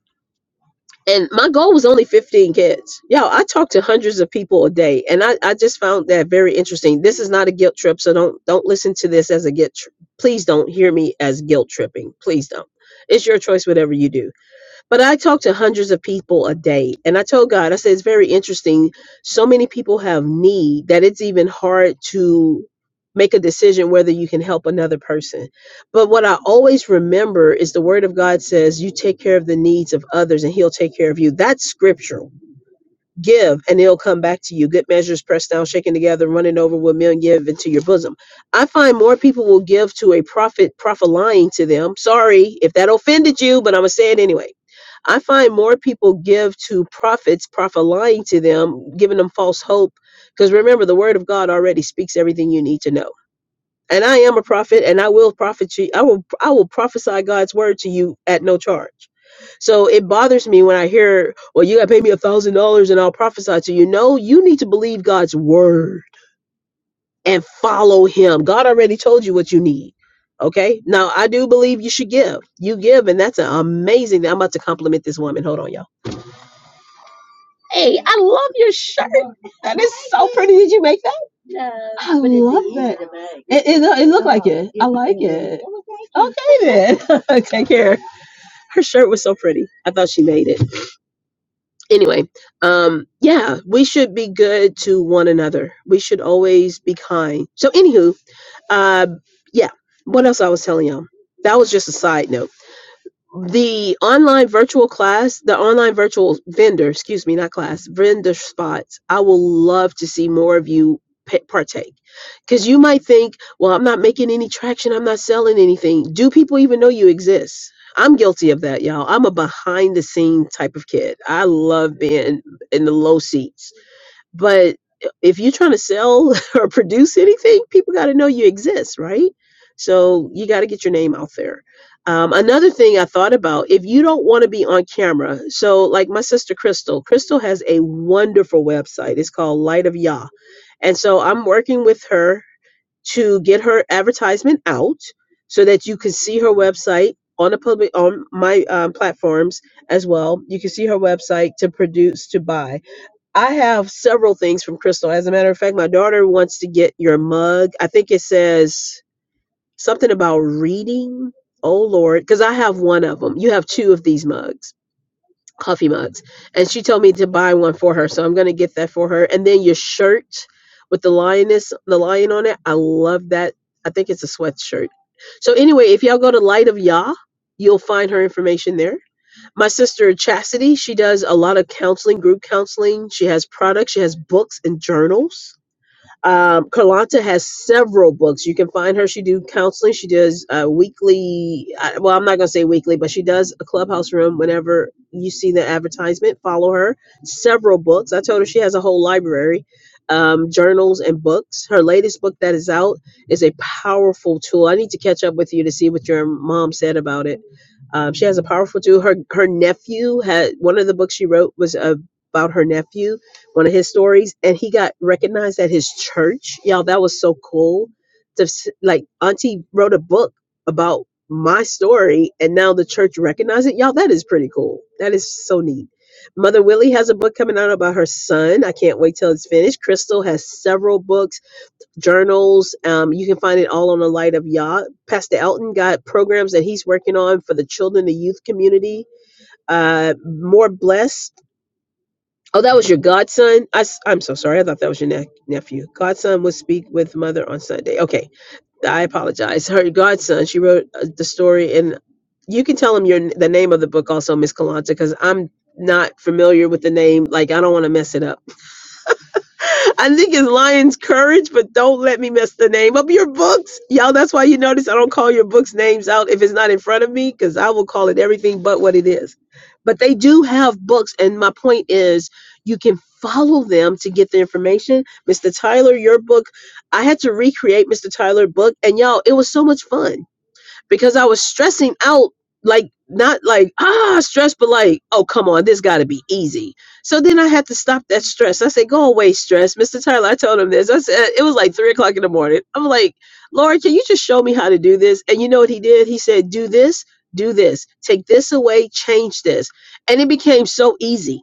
Speaker 1: And my goal was only 15 kids. Yo, I talk to hundreds of people a day, and I, I just found that very interesting. This is not a guilt trip, so don't don't listen to this as a guilt. Tri- Please don't hear me as guilt tripping. Please don't. It's your choice, whatever you do but I talk to hundreds of people a day. And I told God, I said, it's very interesting. So many people have need that it's even hard to make a decision whether you can help another person. But what I always remember is the word of God says, you take care of the needs of others and he'll take care of you. That's scriptural give and it'll come back to you good measures pressed down shaken together running over will men give into your bosom i find more people will give to a prophet prophet lying to them sorry if that offended you but i'm gonna say it anyway i find more people give to prophets prophet lying to them giving them false hope because remember the word of god already speaks everything you need to know and I am a prophet, and I will prophet you. I will I will prophesy God's word to you at no charge. So it bothers me when I hear, "Well, you got to pay me a thousand dollars, and I'll prophesy to you." No, you need to believe God's word and follow Him. God already told you what you need. Okay. Now I do believe you should give. You give, and that's an amazing. I'm about to compliment this woman. Hold on, y'all. That is so pretty. Did you make that? I love that. It, it, it looked like it. I like it. Okay then. Take care. Her shirt was so pretty. I thought she made it. Anyway, um, yeah, we should be good to one another. We should always be kind. So, anywho, uh, yeah, what else I was telling y'all? That was just a side note the online virtual class, the online virtual vendor, excuse me, not class, vendor spots, I will love to see more of you pa- partake. Because you might think, well, I'm not making any traction, I'm not selling anything. Do people even know you exist? I'm guilty of that, y'all. I'm a behind the scene type of kid. I love being in the low seats. But if you're trying to sell or produce anything, people got to know you exist, right? So you got to get your name out there. Um, another thing I thought about if you don't want to be on camera, so like my sister Crystal, Crystal has a wonderful website. It's called Light of Yah. And so I'm working with her to get her advertisement out so that you can see her website on the public on my um, platforms as well. You can see her website to produce to buy I have several things from Crystal. As a matter of fact, my daughter wants to get your mug. I think it says something about reading. Oh Lord, because I have one of them. You have two of these mugs, coffee mugs, and she told me to buy one for her, so I'm gonna get that for her. And then your shirt with the lioness, the lion on it. I love that. I think it's a sweatshirt. So anyway, if y'all go to Light of Yah, you'll find her information there my sister Chastity, she does a lot of counseling, group counseling. She has products, she has books and journals. Um, Kalanta has several books. You can find her. She do counseling. She does uh, weekly. I- Well, I'm not gonna say weekly, but she does a clubhouse room whenever you see the advertisement. Follow her. Several books. I told her she has a whole library, um, journals and books. Her latest book that is out is a powerful tool. I need to catch up with you to see what your mom said about it. Um, she has a powerful tool. Her her nephew had one of the books she wrote was a about her nephew one of his stories and he got recognized at his church y'all that was so cool to s- like auntie wrote a book about my story and now the church recognized it y'all that is pretty cool that is so neat mother willie has a book coming out about her son i can't wait till it's finished crystal has several books journals um, you can find it all on the light of y'all pastor elton got programs that he's working on for the children the youth community uh, more blessed Oh, that was your godson. I, am so sorry. I thought that was your ne- nephew. Godson would speak with mother on Sunday. Okay, I apologize. Her godson. She wrote uh, the story, and you can tell him your n- the name of the book also, Miss Kalanta, because I'm not familiar with the name. Like I don't want to mess it up. I think it's Lion's Courage, but don't let me mess the name up. Your books, y'all. That's why you notice I don't call your books names out if it's not in front of me, because I will call it everything but what it is. But they do have books, and my point is, you can follow them to get the information. Mr. Tyler, your book, I had to recreate Mr. Tyler's book, and y'all, it was so much fun because I was stressing out, like, not like, ah, stress, but like, oh, come on, this got to be easy. So then I had to stop that stress. I said, go away, stress. Mr. Tyler, I told him this. I said, it was like three o'clock in the morning. I'm like, Lord, can you just show me how to do this? And you know what he did? He said, do this, do this, take this away, change this. And it became so easy.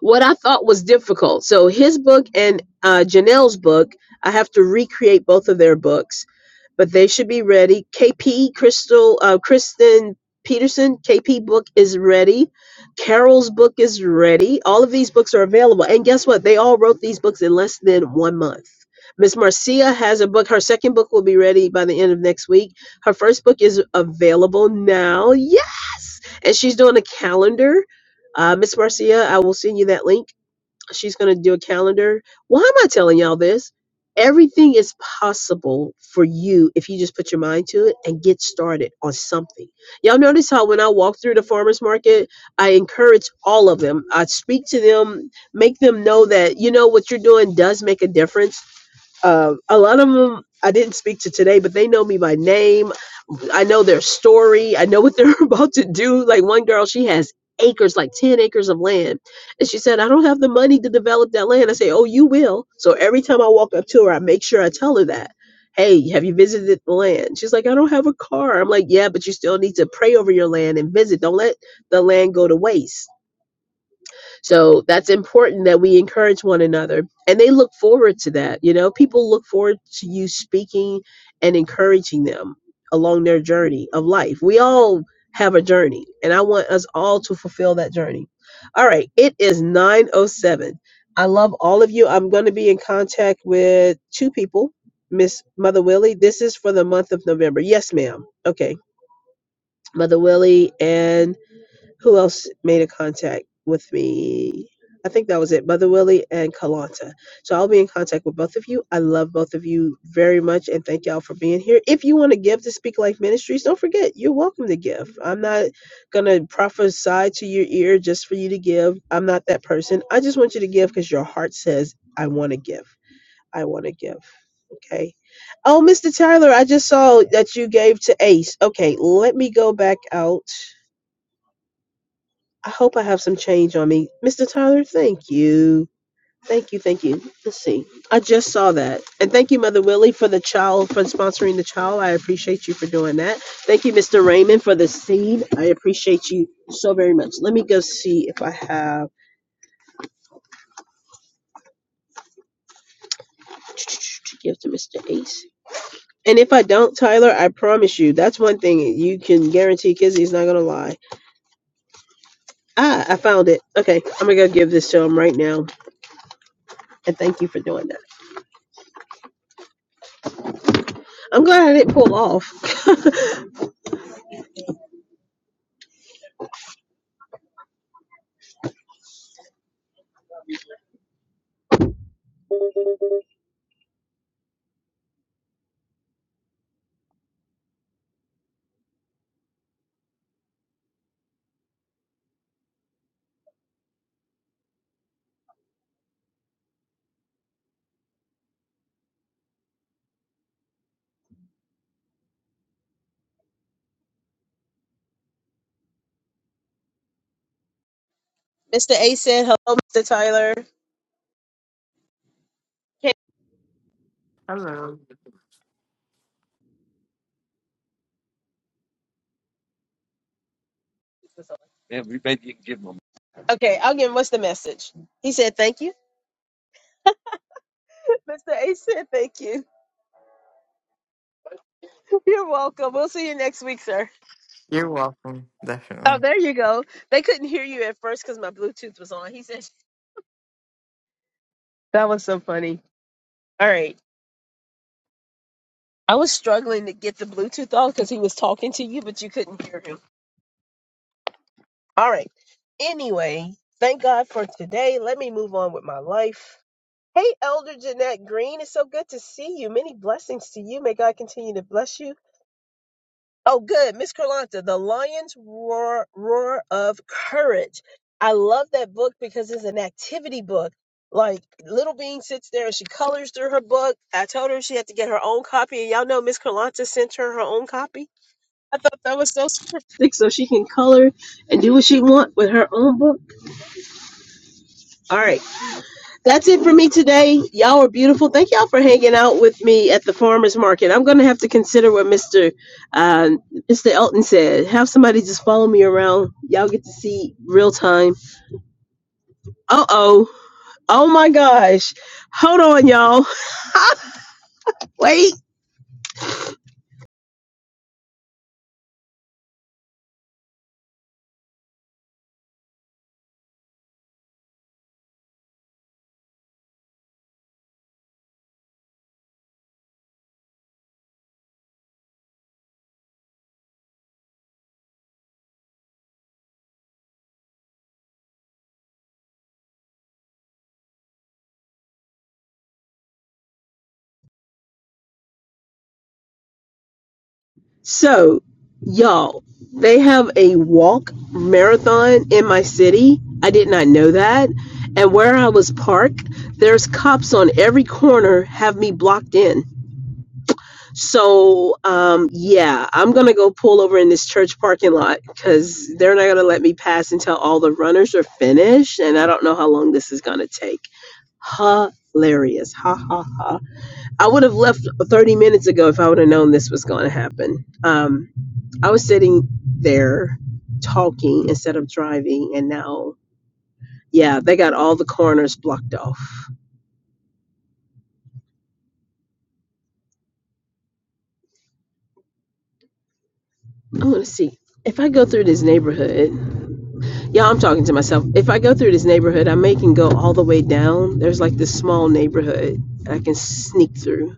Speaker 1: What I thought was difficult. So his book and uh, Janelle's book, I have to recreate both of their books but they should be ready. KP Crystal uh, Kristen Peterson KP book is ready. Carol's book is ready. All of these books are available, and guess what? They all wrote these books in less than one month. Miss Marcia has a book. Her second book will be ready by the end of next week. Her first book is available now. Yes, and she's doing a calendar. Uh, Miss Marcia, I will send you that link She's going to do a calendar. Why am I telling y'all this? Everything is possible for you if you just put your mind to it and get started on something. Y'all notice how when I walk through the farmers market, I encourage all of them. I speak to them, make them know that you know what you're doing does make a difference. Um, a lot of them I didn't speak to today, but they know me by name. I know their story. I know what they're about to do. Like one girl, she has acres, like 10 acres of land. And she said, I don't have the money to develop that land. I say, Oh, you will. So every time I walk up to her, I make sure I tell her that. Hey, have you visited the land? She's like, I don't have a car. I'm like, Yeah, but you still need to pray over your land and visit. Don't let the land go to waste so that's important that we encourage one another. And they look forward to that. You know, people look forward to you speaking and encouraging them along their journey of life. We all have a journey, and I want us all to fulfill that journey. All right, it is 907. I love all of you. I'm going to be in contact with two people. Miss Mother Willie, this is for the month of November. Yes, ma'am. Okay. Mother Willie and who else made a contact with me? I think that was it. Mother Willie and Kalanta. So I'll be in contact with both of you. I love both of you very much and thank y'all for being here. If you want to give to Speak Life Ministries, don't forget, you're welcome to give. I'm not going to prophesy to your ear just for you to give. I'm not that person. I just want you to give because your heart says, I want to give. I want to give. Okay. Oh, Mr. Tyler, I just saw that you gave to Ace. Okay, let me go back out I hope I have some change on me. Mr. Tyler, thank you. Thank you, thank you. Let's see. I just saw that. And thank you, Mother Willie, for the child, for sponsoring the child. I appreciate you for doing that. Thank you, Mr. Raymond, for the seed. I appreciate you so very much. Let me go see if I have to give to Mr. Ace. And if I don't, Tyler, I promise you, that's one thing you can guarantee Kizzy's not going to lie. Ah, I found it. Okay, I'm going to go give this to him right now. And thank you for doing that. I'm glad I didn't pull off. Mr. A said, hello, Mr. Tyler. Okay,
Speaker 2: Hello.
Speaker 1: okay, I'll give him what's the message. He said, thank you. Mr. A said, thank you. You're welcome. We'll see you next week, sir.
Speaker 2: You're welcome.
Speaker 1: Oh,
Speaker 2: Definitely.
Speaker 1: there you go. They couldn't hear you at first because my Bluetooth was on. He said, that was so funny. All right. I was struggling to get the Bluetooth off because he was talking to you, but you couldn't hear him. All right. Anyway, thank God for today. Let me move on with my life. Hey, Elder Jeanette Green, it's so good to see you. Many blessings to you. May God continue to bless you. Oh, good. Miss Carlanta, The Lion's Roar, Roar of Courage. I love that book because it's an activity book. Like Little Bean sits there and she colors through her book. I told her she had to get her own copy. And y'all know Miss Carlanta sent her her own copy. I thought that was so specific so she can color and do what she wants with her own book. All right. That's it for me today. Y'all are beautiful. Thank y'all for hanging out with me at the farmers market. I'm gonna have to consider what Mr. Uh, Mr. Elton said. Have somebody just follow me around. Y'all get to see real time. Uh oh. Oh my gosh. Hold on, y'all. Wait. So, y'all, they have a walk marathon in my city. I did not know that. And where I was parked, there's cops on every corner have me blocked in. So, um, yeah, I'm gonna go pull over in this church parking lot because they're not gonna let me pass until all the runners are finished, and I don't know how long this is gonna take. Hilarious, ha ha ha! I would have left 30 minutes ago if I would have known this was gonna happen. Um, I was sitting there talking instead of driving, and now, yeah, they got all the corners blocked off. I'm gonna see if I go through this neighborhood. Yeah, I'm talking to myself. If I go through this neighborhood, I may can go all the way down. There's like this small neighborhood I can sneak through.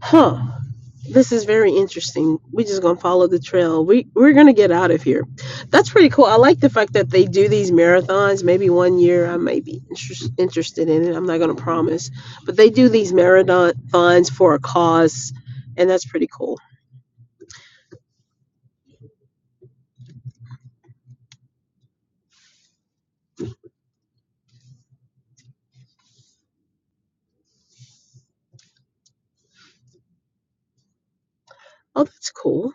Speaker 1: Huh. This is very interesting. We're just gonna follow the trail. We we're gonna get out of here. That's pretty cool. I like the fact that they do these marathons. Maybe one year I may be interest, interested in it. I'm not gonna promise, but they do these marathons for a cause, and that's pretty cool. Oh, that's cool.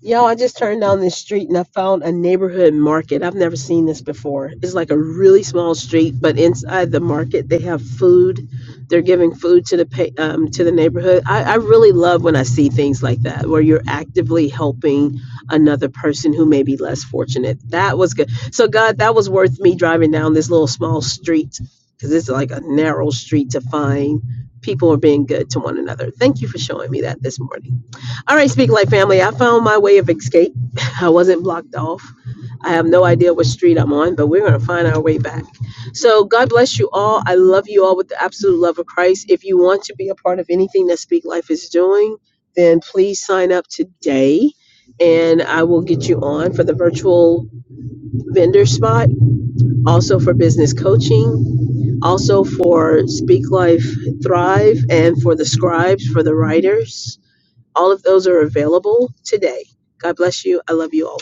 Speaker 1: Y'all, I just turned down this street and I found a neighborhood market. I've never seen this before. It's like a really small street, but inside the market they have food. They're giving food to the pa- um, to the neighborhood. I, I really love when I see things like that, where you're actively helping another person who may be less fortunate. That was good. So God, that was worth me driving down this little small street because it's like a narrow street to find people are being good to one another. Thank you for showing me that this morning. All right, Speak Life Family, I found my way of escape. I wasn't blocked off. I have no idea what street I'm on, but we're going to find our way back. So, God bless you all. I love you all with the absolute love of Christ. If you want to be a part of anything that Speak Life is doing, then please sign up today and I will get you on for the virtual vendor spot, also for business coaching, also for Speak Life Thrive, and for the scribes, for the writers. All of those are available today. God bless you. I love you all.